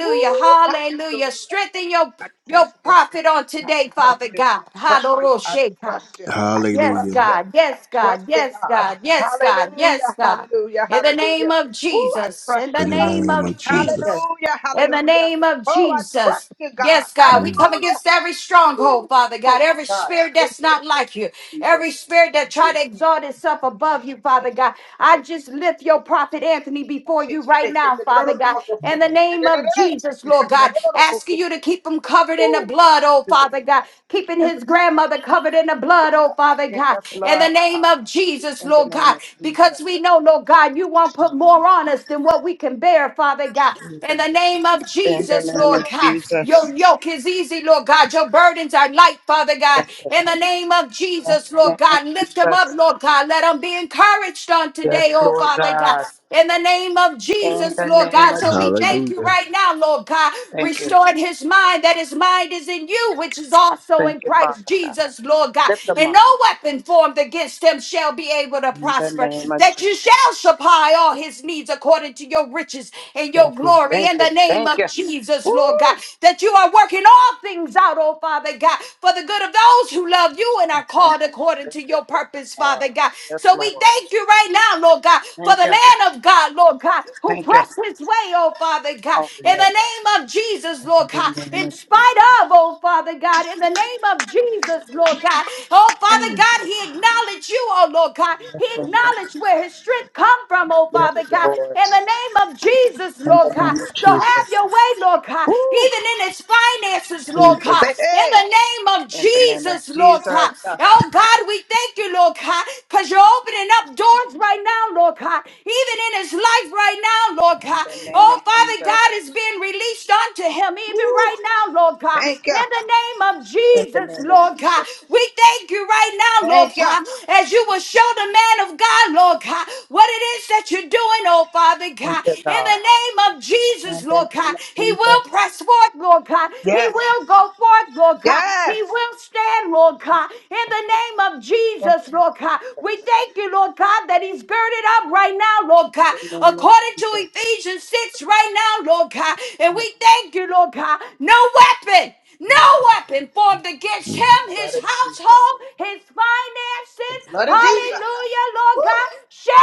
B: you. Ooh,
C: Hallelujah.
B: hallelujah.
C: Strengthen your
B: I
C: your
B: trust you.
C: prophet on
B: I
C: today,
B: trust
C: Father
B: you. I
C: God.
B: trust you. I
C: Hallelujah.
B: trust you. I
C: Yes,
B: trust
A: Hallelujah.
B: you.
C: God.
B: I
C: Yes,
B: trust
C: God.
B: you,
C: Yes,
B: God.
C: God. Yes, God. Yes,
B: Hallelujah.
C: God.
B: Hallelujah.
C: In the name
B: Hallelujah.
C: of
B: Oh, I
C: Jesus. In
B: trust
C: the
B: you,
A: In the
B: God.
C: name
A: name
C: of
A: of Jesus.
C: Jesus.
B: Hallelujah.
C: In the
B: Hallelujah.
C: name of
B: Oh, I
C: Jesus.
B: trust you, God.
C: Yes, God, we
A: Mm.
C: come
B: Hallelujah.
C: against every
B: Ooh,
C: stronghold, Father
B: oh,
C: God, every
B: my God.
C: spirit
B: In
C: that's not
B: the
C: like you,
B: name of Jesus.
C: every spirit
B: Oh,
C: that
B: do it
C: try to exalt itself
B: right now.
C: above you,
B: Shake
C: Father
B: it, shake it,
C: God.
B: shake
C: I
B: it,
C: just lift your
B: shake it, shake it.
C: prophet Anthony before you right now, Father God in the name of Jesus, Lord God. Asking you to keep him covered in the
B: Ooh,
C: blood, oh
B: Do it,
C: Father God.
B: God.
C: Keeping
B: Do
C: his
B: it, God.
C: grandmother covered in the
B: Do it,
C: blood, oh
B: God.
C: Father
B: In
C: God.
B: the
C: In the
B: blood,
C: name
B: God.
C: of Jesus,
B: In the
C: Lord
B: name
C: God.
B: of Jesus.
C: Because we know, Lord God, you won't put
B: Jesus.
C: more on us than what we can bear, Father God. In
B: Jesus.
C: the name of
B: In the
C: Jesus,
B: name
C: Lord
B: of
C: God.
B: Jesus.
C: Your yoke is easy, Lord God. Your burdens are light, Father God.
B: Thank you,
C: In
B: God.
C: the name of
B: In
C: Jesus,
B: the
C: Lord
B: name of
C: God, lift them up,
B: Jesus.
C: Lord God. Let them be encouraged on today,
B: Yes,
C: oh
B: Lord
C: Father God.
B: God.
C: In the name of
B: In
C: Jesus,
B: the
C: Lord
B: name
C: God.
B: of
C: So we
B: Jesus.
C: thank you
A: Hallelujah.
C: right now, Lord God.
B: Thank you.
C: Restoring his mind, that his mind is in you, which is also
B: Thank
C: in
B: you,
C: Christ
B: Father God.
C: Jesus, Lord God.
B: Lift them
C: And
B: up.
C: no weapon formed against him shall be able to
B: In the
C: prosper.
B: name of
C: That
B: Jesus.
C: you shall supply all his needs according to your riches and your
B: Thank you.
C: glory In
B: Thank
C: in
B: you.
C: the name
B: Thank
C: of
B: you.
C: Jesus, Lord God,
B: Woo!
C: that you are working all things out, oh Father God, for the good of those who love you and
B: I
C: are
B: thank
C: called
B: you.
C: according
B: Thank
C: to
B: you. I Thank you,
C: your purpose,
B: God.
C: Father God.
B: Yes,
C: So we
B: Lord.
C: thank you right now, Lord God, for
B: Thank
C: the
B: you.
C: man of God, Lord God, who
B: Thank you.
C: pressed his way, oh Father God,
B: Oh,
C: in
B: yeah.
C: the name of Jesus, Lord
B: In
C: God,
B: the name
C: in
B: of
C: spite
B: Jesus.
C: of, oh Father God, in the name of Jesus, Lord God, oh Father God, he acknowledged you, oh Lord God,
B: Yes,
C: he
B: Lord.
C: acknowledged where his strength come from, oh
B: Yes,
C: Father God,
B: Lord.
C: in in the name of Jesus,
B: In
C: Lord
B: the
C: God.
B: name of
C: So have
B: Jesus.
C: your way, Lord God,
B: Woo!
C: even in his finances, Lord
B: Jesus.
C: God,
B: Hey,
C: in the
B: hey!
C: name of
B: In the name of
C: Jesus, Lord
B: Jesus.
C: God. Oh God, we thank you, Lord God, because you're opening up doors right now, Lord God, even in his life right now, Lord
B: In
C: God.
B: the name
C: Oh
B: of
C: Father
B: Jesus.
C: God is being released unto him,
B: Woo!
C: even right now, Lord God,
B: Thank you.
C: in the name of
B: In the
C: Jesus,
B: name of
C: Lord God.
B: Jesus.
C: We thank you right now, Lord
B: Thank you.
C: God, as you will show the man of God, Lord God. God, what it is that you're doing, oh Father God.
B: Thank you,
C: In the
B: God.
C: name of Jesus,
B: In the
C: Lord God,
B: name of
C: He
B: Jesus.
C: will press forth, Lord God. He
B: Yes.
C: will go forth, Lord God.
B: Yes.
C: He will stand, Lord God. In the name of
B: In the name of
C: Jesus, Lord God, we
B: Jesus.
C: thank you, Lord God, that He's girded up right now, Lord God,
B: In the name of
C: according to
B: Jesus.
C: Ephesians 6 right now, Lord God. And
B: Come
C: we
B: on.
C: thank you, Lord God. No weapon. No
B: No, no, no,
C: weapon
B: no.
C: formed against
A: Mm.
C: him,
B: Blood
C: his
B: of Jesus.
C: household, his finances,
B: The blood of Jesus.
C: hallelujah,
B: Woo!
C: Lord God,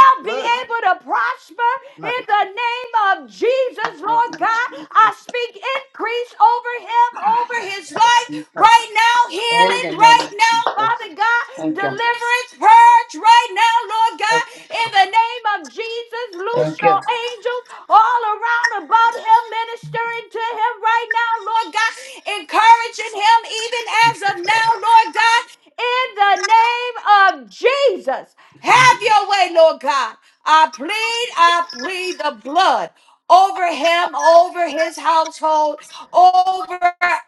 B: The
C: be
B: blood.
C: able to prosper
B: Blood
C: in
B: of
C: the name of
B: Jesus.
C: Jesus,
B: In
C: Lord
B: the name of
C: God. I
B: Jesus.
C: speak increase over him, over his
B: Blood of
C: life
B: Jesus.
C: right now now,
B: In
C: healing
B: the name
C: right
B: of
C: now,
B: Jesus.
C: Father God,
B: Thank you.
C: deliverance, purge right now, Lord
B: Thank
C: God,
B: you,
C: in
B: God.
C: the name of Jesus, loose
B: Thank
C: your
B: you.
C: angels all around about him, ministering to him right now, Lord God, encouraging him even as of now, Lord God, in the name of Jesus. Have your way, Lord God. I plead, I plead the blood over him, over his household over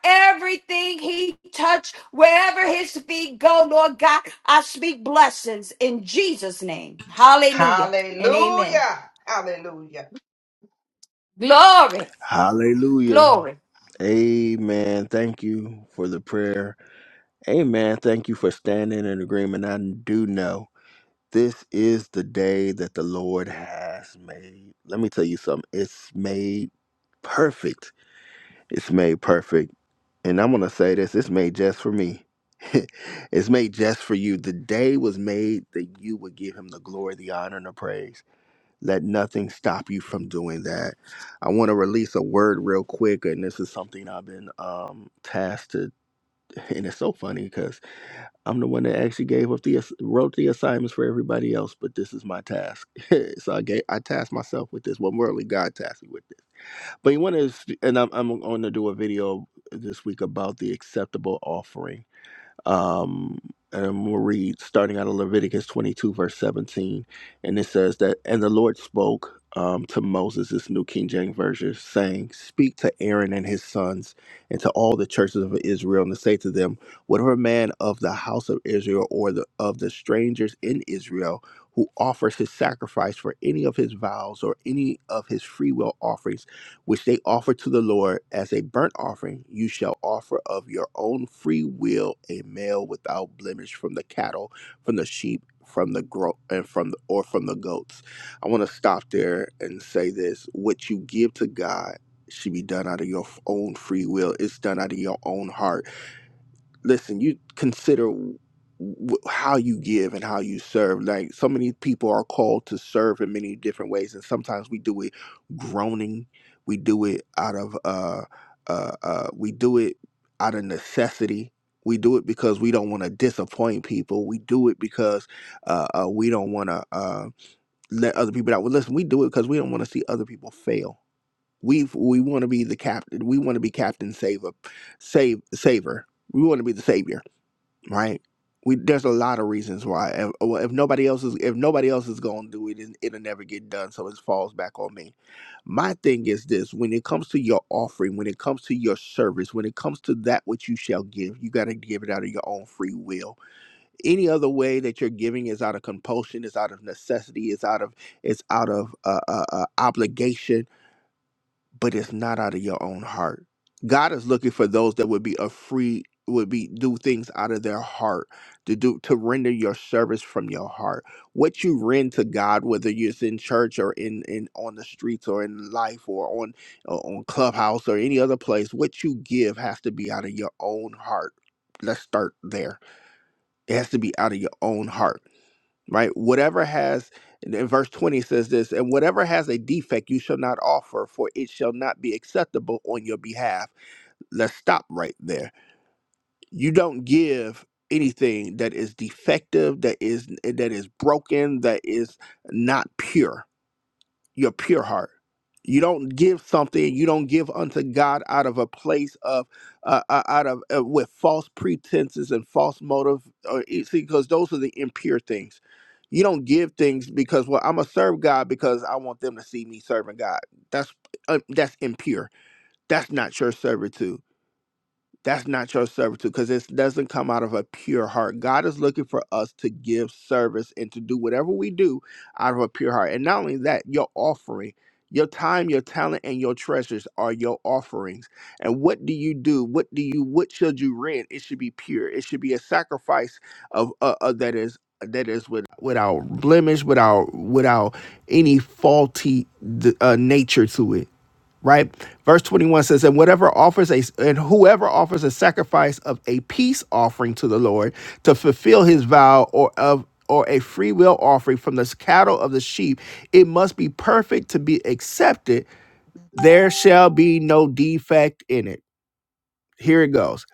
C: everything he touched, wherever his feet go, Lord God. I speak blessings in Jesus' name. Hallelujah and amen.
B: Hallelujah. Hallelujah.
C: Glory,
A: Hallelujah.
C: glory.
A: Amen. Thank you for the prayer. Amen. Thank you for standing in agreement. I do know this is the day that the Lord has made. Let me tell you something. It's made perfect. It's made perfect. And I'm going to say this it's made just for me. it's made just for you. The day was made that you would give him the glory, the honor, and the praise. Let nothing stop you from doing that. I want to release a word real quick, and this is something I've been um, tasked to, and it's so funny because I'm the one that actually gave up the ass- wrote the assignments for everybody else, but this is my task. so I gave I tasked myself with this. Well, morally, God tasked me with this. But you want to, and I'm I'm going to do a video this week about the acceptable offering um, and we'll read starting out of Leviticus 22, verse 17. And it says that, And the Lord spoke um, to Moses, this New King James Version, saying, Speak to Aaron and his sons and to all the churches of Israel, and to say to them, Whatever man of the house of Israel or the, of the strangers in Israel who offers his sacrifice for any of his vows or any of his free will offerings, which they offer to the Lord as a burnt offering, you shall offer of your own free will a male without blemish from the cattle, from the sheep, from the gro- and from the, or from the goats. I want to stop there and say this: what you give to God should be done out of your own free will. It's done out of your own heart listen, you consider w- w- how you give and how you serve. Like so many people are called to serve in many different ways, and sometimes we do it groaning. We do it out of uh uh, uh we do it out of necessity. We do it because we don't want to disappoint people. We do it because uh, uh, we don't want to uh, let other people down. Well, listen, we do it because we don't want to see other people fail. We we want to be the captain. We want to be captain saver, save saver. We want to be the savior right? We there's a lot of reasons why. If, well, if nobody else is if nobody else is going to do it, it- it'll never get done. So it falls back on me. My thing is this: when it comes to your offering, when it comes to your service, when it comes to that which you shall give, you got to give it out of your own free will. Any other way that you're giving is out of compulsion, is out of necessity, is out of it's out of uh, uh, uh, obligation but it's not out of your own heart. God is looking for those that would be a free would be do things out of their heart to do to render your service from your heart. What you rend to God, whether it's in church or in, in on the streets or in life or on or on clubhouse or any other place, what you give has to be out of your own heart. Let's start there. It has to be out of your own heart right? Whatever has, in verse 20 says this, and whatever has a defect you shall not offer, for it shall not be acceptable on your behalf. Let's stop right there. You don't give anything that is defective, that is that is broken, that is not pure your pure heart. You don't give something. You don't give unto God out of a place of, uh, uh, out of uh, with false pretenses and false motive. Or you see, because those are the impure things. You don't give things because well, I'm gonna serve God because I want them to see me serving God. That's uh, that's impure. That's not your servitude. That's not your servitude because it doesn't come out of a pure heart. God is looking for us to give service and to do whatever we do out of a pure heart. And not only that, your offering, your time, your talent, and your treasures are your offerings. And what do you do? What do you? What should you rend? It should be pure. It should be a sacrifice of uh, uh, that is that is with, without blemish, without without any faulty d- uh, nature to it right? Verse 21 says, and whatever offers a and whoever offers a sacrifice of a peace offering to the Lord to fulfill his vow or of or a free will offering from the cattle of the sheep, it must be perfect to be accepted. There shall be no defect in it. Here it goes.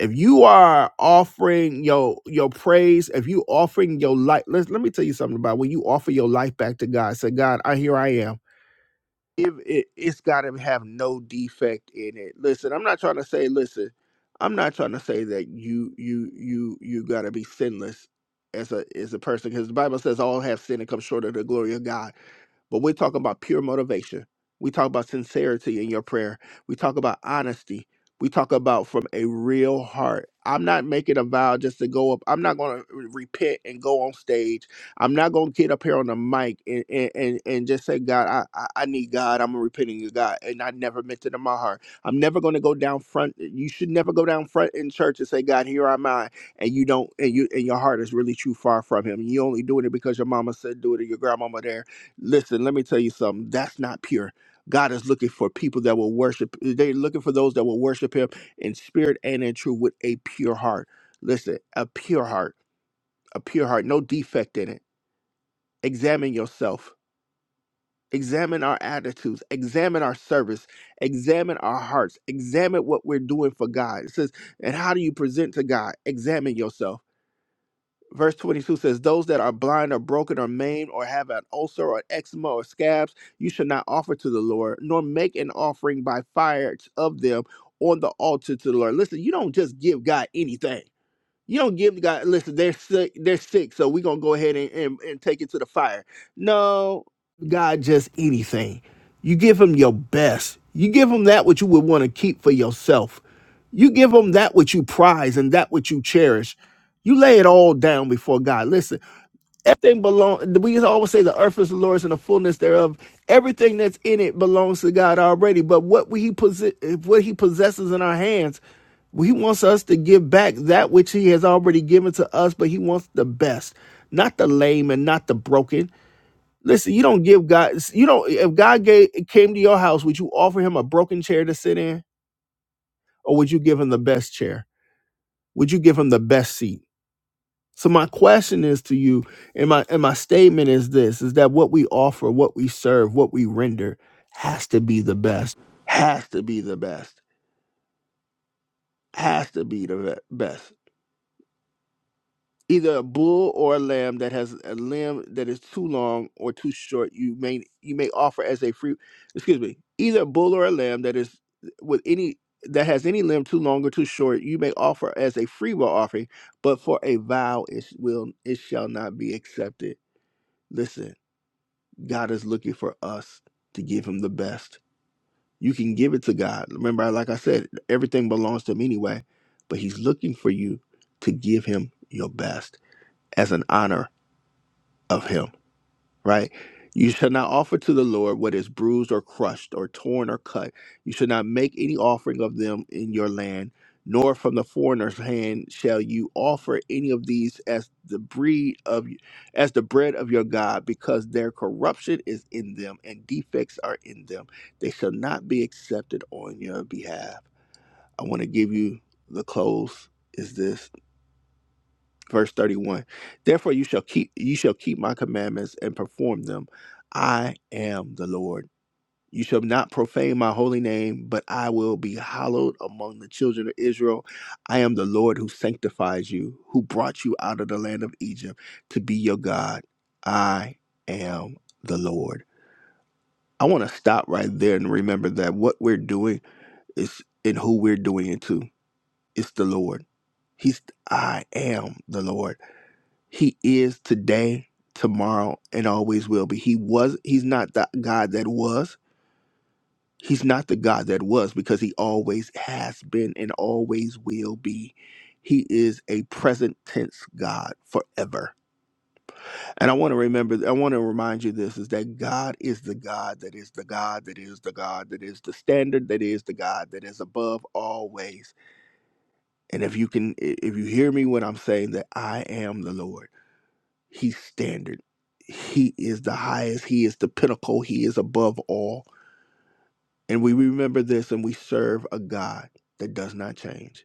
A: If you are offering your your praise, if you offering your life, let, let me tell you something about when you offer your life back to God. Say, God, I here I am if it, it's got to have no defect in it. Listen, I'm not trying to say. Listen, I'm not trying to say that you you you you got to be sinless as a as a person because the Bible says all have sinned and come short of the glory of God. But we're talking about pure motivation. We talk about sincerity in your prayer. We talk about honesty. We talk about from a real heart. I'm not making a vow just to go up. I'm not going to repent and go on stage I'm not gonna get up here on the mic and and, and, and just say, God, I, I I need God. I'm a repenting to God, and I never meant it in my heart. I'm never gonna go down front. You should never go down front in church and say, God, here am I, and you don't, and you and your heart is really too far from Him. You only doing it because your mama said do it, or your grandmama there. Listen, let me tell you something. That's not pure. God is looking for people that will worship. They're looking for those that will worship Him in spirit and in truth with a pure heart. Listen, a pure heart, a pure heart, no defect in it examine yourself examine our attitudes examine our service examine our hearts examine what we're doing for god it says and how do you present to god examine yourself verse 22 says those that are blind or broken or maimed or have an ulcer or eczema or scabs you should not offer to the lord nor make an offering by fire of them on the altar to the lord listen you don't just give god anything you don't give God. Listen, they're sick. They're sick. So we're gonna go ahead and, and, and take it to the fire. No, God, just anything. You give him your best. You give him that which you would want to keep for yourself. You give him that which you prize and that which you cherish. You lay it all down before God. Listen, everything belongs. We always say the earth is the Lord's and the fullness thereof. Everything that's in it belongs to God already. But what we he possess, what he possesses in our hands he wants us to give back that which He has already given to us, but He wants the best, not the lame and not the broken. Listen, you don't give God. You don't. If God gave, came to your house, would you offer Him a broken chair to sit in, or would you give Him the best chair? Would you give Him the best seat? So my question is to you, and my and my statement is this: is that what we offer, what we serve, what we render, has to be the best. Has to be the best. Has to be the be- best. either a bull or a lamb that has a limb that is too long or too short you may you may offer as a free excuse me either a bull or a lamb that is with any that has any limb too long or too short you may offer as a free will offering but for a vow it will it shall not be accepted listen god is looking for us to give him the best you can give it to god remember like i said everything belongs to him anyway but he's looking for you to give him your best as an honor of him, right? You shall not offer to the Lord what is bruised or crushed or torn or cut. You shall not make any offering of them in your land, nor from the foreigner's hand shall you offer any of these as the breed of as the bread of your God, because their corruption is in them and defects are in them. They shall not be accepted on your behalf. I want to give you the close is this verse 31 therefore you shall keep you shall keep my commandments and perform them i am the lord you shall not profane my holy name but i will be hallowed among the children of israel i am the lord who sanctifies you who brought you out of the land of egypt to be your god i am the lord i want to stop right there and remember that what we're doing is and who we're doing it to it's the lord he's i am the lord he is today, tomorrow, and always will be. He was he's not the God that was. He's not the God that was because he always has been and always will be. He is a present tense God forever. And I want to remember I want to remind you this is that God is the God that is the God that is the God that is the standard that is the God that is above always. And if you can if you hear me when I'm saying that I am the Lord He's standard. He is the highest. He is the pinnacle. He is above all. And we remember this and we serve a God that does not change.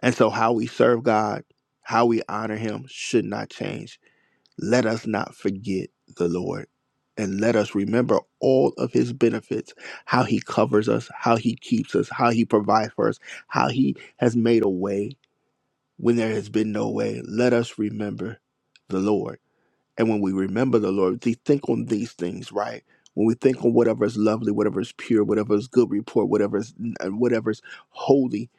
A: And so, how we serve God, how we honor Him should not change. Let us not forget the Lord. And let us remember all of his benefits, how he covers us, how he keeps us, how he provides for us, how he has made a way when there has been no way. Let us remember the Lord and when we remember the Lord, we think on these things, right? When we think on whatever is lovely, whatever is pure, whatever is good report, whatever is and whatever is holy,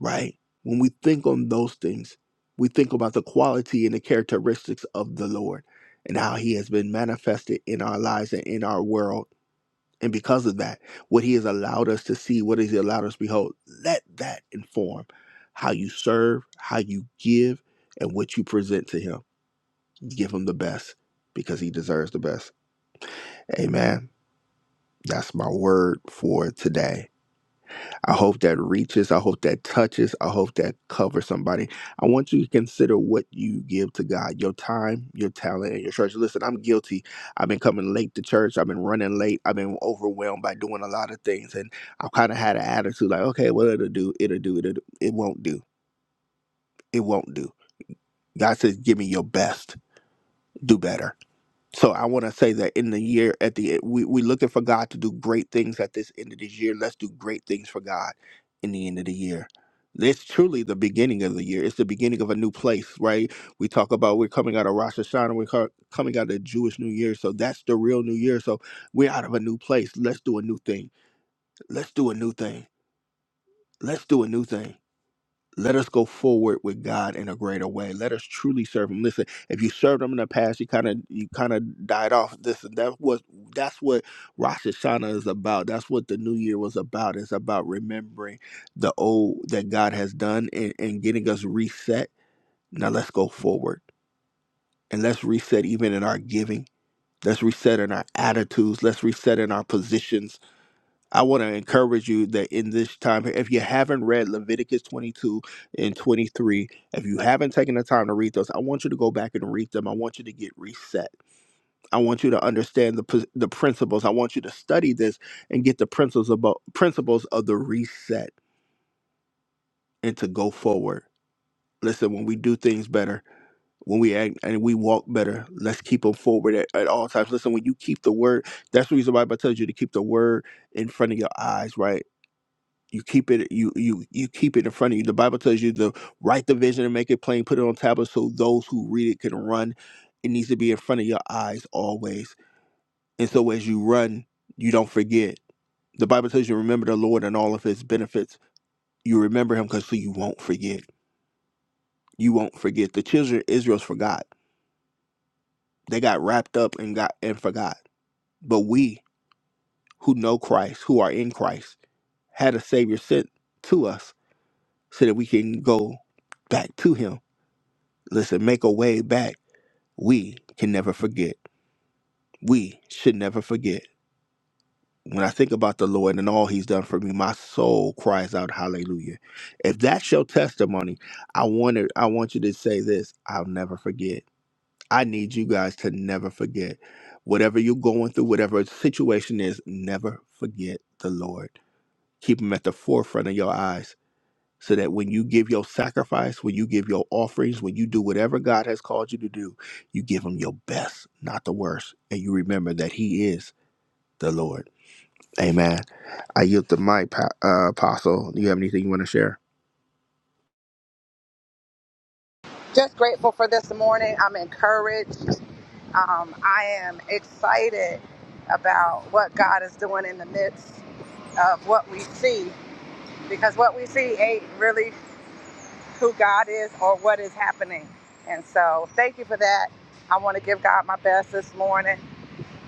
A: right? When we think on those things, we think about the quality and the characteristics of the Lord and how He has been manifested in our lives and in our world. And because of that, what He has allowed us to see, what He has allowed us to behold, let that inform how you serve, how you give, and what you present to Him give him the best because he deserves the best. Amen. That's my word for today. I hope that reaches. I hope that touches. I hope that covers somebody. I want you to consider what you give to God your time, your talent, and your church. Listen, I'm guilty. I've been coming late to church. I've been running late. I've been overwhelmed by doing a lot of things. And I've kind of had an attitude like, okay, well, it'll do. It'll do. It'll do. It won't do. It won't do. God says, give me your best. Do better So I want to say that in the year at the end, we we looking for God to do great things at this end of this year. Let's do great things for God in the end of the year. It's truly the beginning of the year. It's the beginning of a new place, right? We talk about we're coming out of Rosh Hashanah, we're co- coming out of the Jewish New Year, so that's the real New Year. So we're out of a new place. Let's do a new thing. Let's do a new thing. Let's do a new thing. Let us go forward with God in a greater way. Let us truly serve Him. Listen, if you served Him in the past, you kind of you kind of died off. This and that was that's what Rosh Hashanah is about. That's what the New Year was about. It's about remembering the old that God has done and, and getting us reset. Now let's go forward and let's reset even in our giving. Let's reset in our attitudes. Let's reset in our positions I want to encourage you that in this time, if you haven't read Leviticus 22 and 23, if you haven't taken the time to read those, I want you to go back and read them. I want you to get reset. I want you to understand the, pos- the principles. I want you to study this and get the principles about principles of the reset and to go forward. Listen, when we do things better, when we act and we walk better, let's keep them forward at, at all times. Listen, when you keep the word, that's the reason why I tells you to keep the word in front of your eyes, right? you keep it you you you keep it in front of you the bible tells you to write the vision and make it plain put it on tablets so those who read it can run it needs to be in front of your eyes always and so as you run you don't forget the bible tells you remember the lord and all of his benefits you remember him because so you won't forget you won't forget the children of israel's forgot they got wrapped up and got and forgot but we who know christ who are in christ had a savior sent to us so that we can go back to him listen, make a way back. We can never forget. We should never forget. When I think about the Lord and all he's done for me, my soul cries out hallelujah. If that's your testimony, I want to, I want you to say this, I'll never forget. I need you guys to never forget. Whatever you're going through, whatever situation is, never forget the Lord. Keep him at the forefront of your eyes so that when you give your sacrifice, when you give your offerings, when you do whatever God has called you to do, you give Him your best, not the worst. And you remember that He is the Lord. Amen. I yield the mic, Pa- uh, Apostle. Do you have anything you want to share?
B: Just grateful for this morning. I'm encouraged. Um, I am excited about what God is doing in the midst of what we see because what we see ain't really who God is or what is happening. And so, thank you for that. I want to give God my best this morning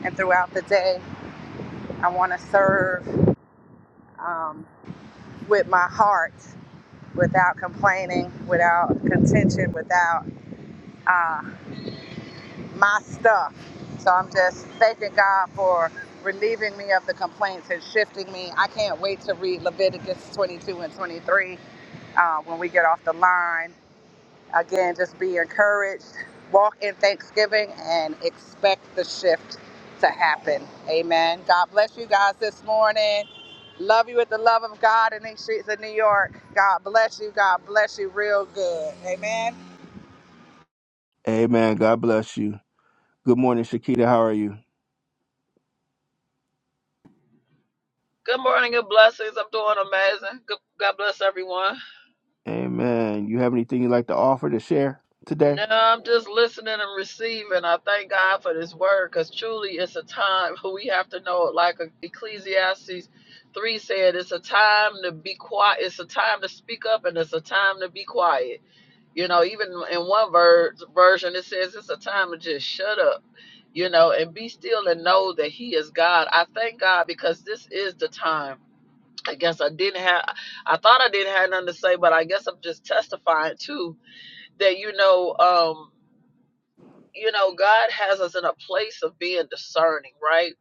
B: and throughout the day. I want to serve um, with my heart without complaining, without contention, without. uh, my stuff. So I'm just thanking God for relieving me of the complaints and shifting me. I can't wait to read Leviticus 22 and 23 uh, when we get off the line. Again, just be encouraged, walk in thanksgiving, and expect the shift to happen. Amen. God bless you guys this morning. Love you with the love of God in these streets of New York. God bless you. God bless you real good. Amen.
A: Amen. God bless you. Good morning, Shakita. How are you?
D: Good morning and blessings. I'm doing amazing. Good, God bless everyone.
A: Amen. You have anything you'd like to offer to share today?
D: No, I'm just listening and receiving. I thank God for this word because truly it's a time we have to know, it. like Ecclesiastes 3 said, it's a time to be quiet. It's a time to speak up and it's a time to be quiet. You know, even in one ver- version, it says it's a time to just shut up you know, and be still and know that He is God. I thank God because this is the time. I guess I didn't have, I thought I didn't have nothing to say, but I guess I'm just testifying too that, you know, um, you know, God has us in a place of being discerning, right?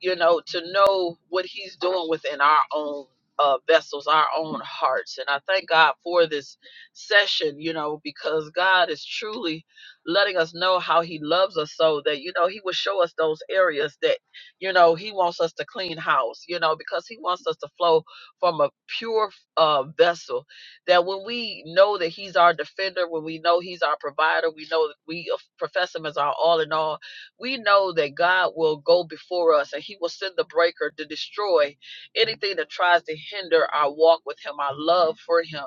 D: you know, to know what He's doing within our own uh, vessels, our own hearts. And I thank God for this session, you know, because God is truly letting us know how He loves us so that, you know, He will show us those areas that, you know, He wants us to clean house, you know, because He wants us to flow from a pure uh, vessel. That when we know that He's our defender, when we know He's our provider, we know that we uh, profess Him as our all in all we know that God will go before us and he will send the breaker to destroy anything that tries to hinder our walk with him, our love for him,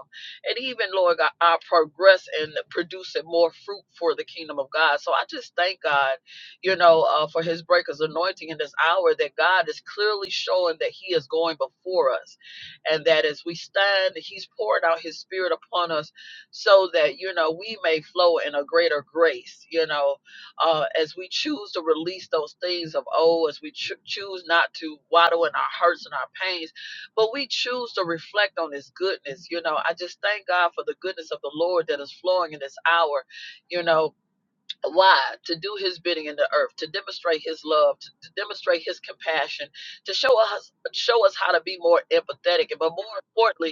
D: and even, Lord God, our progress in producing more fruit for the kingdom of God. So I just thank God, you know, uh, for his breaker's anointing in this hour that God is clearly showing that he is going before us and that as we stand, he's pouring out his spirit upon us so that, you know, we may flow in a greater grace, you know uh, as we choose to release those things of old, as we cho- choose not to waddle in our hurts and our pains, but we choose to reflect on His goodness. You know, I just thank God for the goodness of the Lord that is flowing in this hour. You know, why? To do His bidding in the earth, to demonstrate His love, to, to demonstrate His compassion, to show us show us how to be more empathetic, but more importantly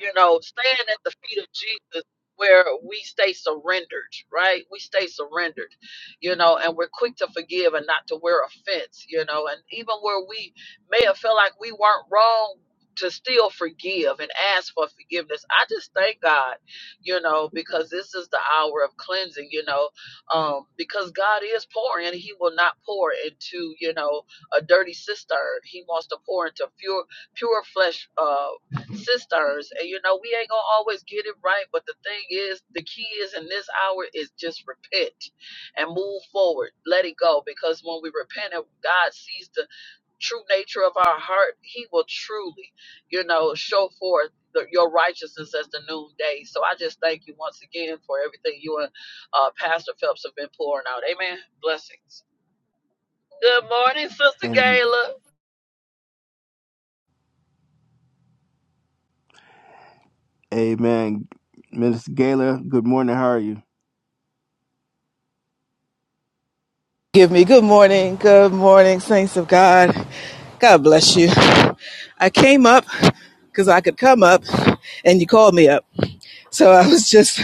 D: you know, staying at the feet of Jesus where we stay surrendered, right? We stay surrendered, you know, and we're quick to forgive and not to wear offense, you know, and even where we may have felt like we weren't wrong to still forgive and ask for forgiveness. I just thank God, you know, because this is the hour of cleansing, you know, um, because God is pouring he will not pour into, you know, a dirty cistern. He wants to pour into pure, pure flesh, uh, sisters and you know we ain't gonna always get it right but the thing is the key is in this hour is just repent and move forward let it go because when we repent and god sees the true nature of our heart he will truly you know show forth the, your righteousness as the noonday so i just thank you once again for everything you and uh, pastor phelps have been pouring out amen blessings good morning sister
A: And
D: gayla
A: Amen. Miss Gayla, good morning. How are you?
E: Give me good morning, good morning, saints of God. God bless you. I came up because I could come up and you called me up. So I was just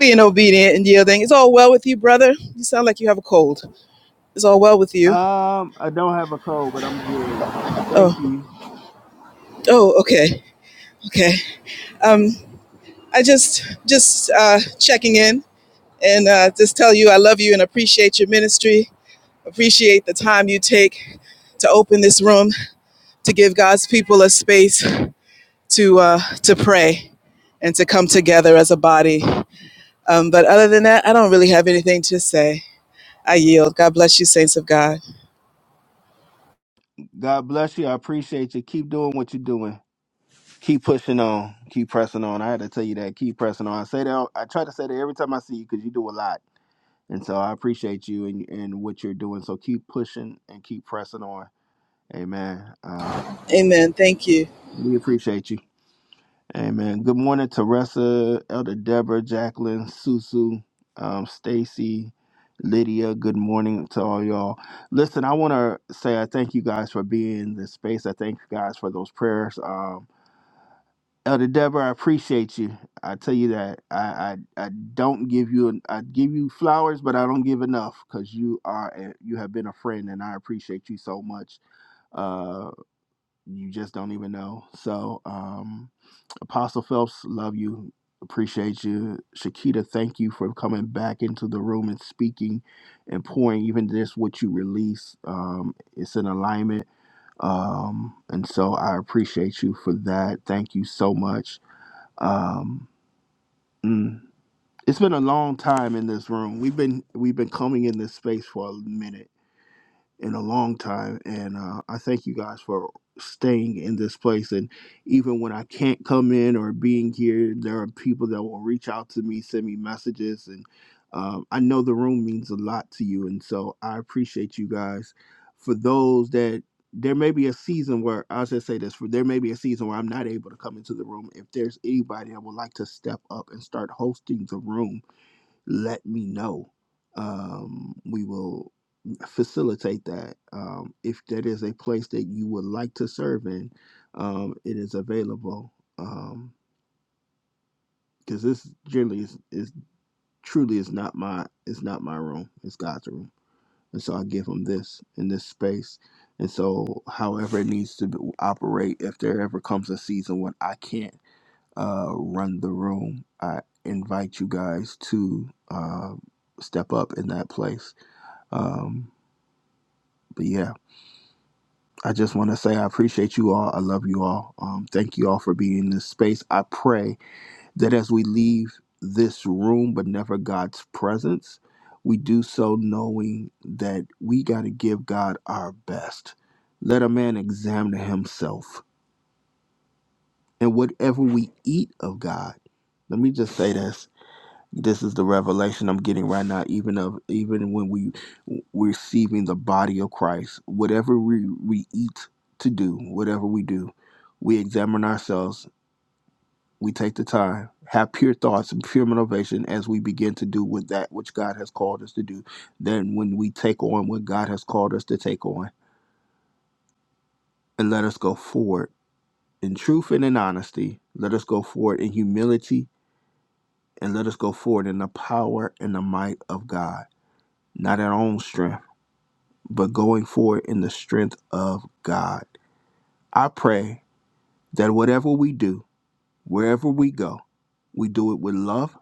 E: being obedient and yielding. It's all well with you, brother. You sound like you have a cold. It's all well with you.
A: Um, I don't have a cold, but I'm good. Thank
E: Oh,
A: you.
E: oh, okay, okay. Um, I just, just uh, checking in and uh, just tell you I love you and appreciate your ministry. Appreciate the time you take to open this room to give God's people a space to uh, to pray and to come together as a body. Um, but other than that, I don't really have anything to say. I yield. God bless you, saints of God.
A: God bless you. I appreciate you. Keep doing what you're doing. Keep pushing on. Keep pressing on. I had to tell you that. Keep pressing on. I say that. I try to say that every time I see you because you do a lot, and so I appreciate you and and what you're doing. So keep pushing and keep pressing on. Amen. Uh,
E: Amen. Thank you.
A: we appreciate you. Amen. Good morning, Teresa, Elder Deborah, Jacqueline, Susu, um, Stacy, Lydia. Good morning to all y'all. Listen, I want to say I thank you guys for being in this space. I thank you guys for those prayers. Um, Elder Deborah, I appreciate you. I tell you that I I, I don't give you an, I give you flowers, but I don't give enough because you are a, you have been a friend, and I appreciate you so much. Uh, you just don't even know. So, um, Apostle Phelps, love you, appreciate you. Shakita, thank you for coming back into the room and speaking and pouring. Even this, what you release, um, it's in alignment. Um, and so I appreciate you for that. Thank you so much. Um, mm. it's been a long time in this room. We've been we've been coming in this space for a minute in a long time. And uh, I thank you guys for staying in this place. And even when I can't come in or being here, there are people that will reach out to me, send me messages. And um, I know the room means a lot to you. And so I appreciate you guys. For those that there may be a season where I'll just say this for there may be a season where I'm not able to come into the room. If there's anybody that would like to step up and start hosting the room, let me know. Um, we will facilitate that. Um, if that is a place that you would like to serve in, um, it is available. Um, because this generally is, is truly is not my it's not my room. It's God's room, and so I give him this in this space. And so, however it needs to be, operate, if there ever comes a season when I can't uh, run the room, I invite you guys to uh, step up in that place Um, but yeah, I just want to say I appreciate you all. I love you all. Um, thank you all for being in this space. I pray that as we leave this room, but never God's presence, we do so knowing that we got to give God our best. Let a man examine himself. And whatever we eat of God, let me just say this. This is the revelation I'm getting right now, even of even when we we're receiving the body of Christ. Whatever we, we eat to do, whatever we do, we examine ourselves, we take the time, have pure thoughts and pure motivation as we begin to do with that which God has called us to do. Then when we take on what God has called us to take on, and let us go forward in truth and in honesty, let us go forward in humility, and let us go forward in the power and the might of God. Not our own strength but going forward in the strength of God. I pray that whatever we do, wherever we go, we do it with love,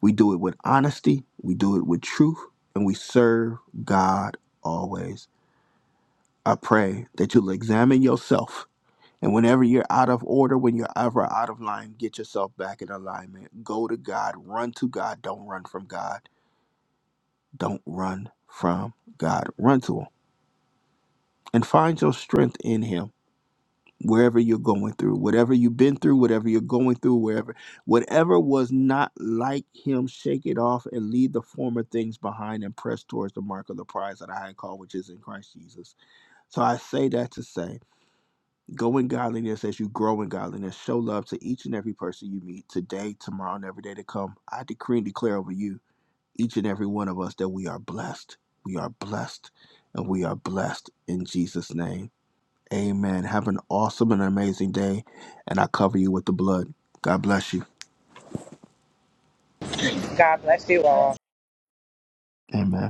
A: we do it with honesty, we do it with truth, and we serve God always. I pray that you'll examine yourself. And whenever you're out of order, when you're ever out of line, get yourself back in alignment. Go to God, run to God, don't run from God. Don't run from God, run to Him and find your strength in Him wherever you're going through, whatever you've been through, whatever you're going through, wherever, whatever was not like him, shake it off and leave the former things behind and press towards the mark of the prize that I high call, which is in Christ Jesus. So I say that to say, go in godliness as you grow in godliness. Show love to each and every person you meet today, tomorrow, and every day to come. I decree and declare over you, each and every one of us, that we are blessed. We are blessed. And we are blessed in Jesus' name. Amen. Have an awesome and amazing day, and I cover you with the blood. God bless you.
B: God bless you all.
A: Amen.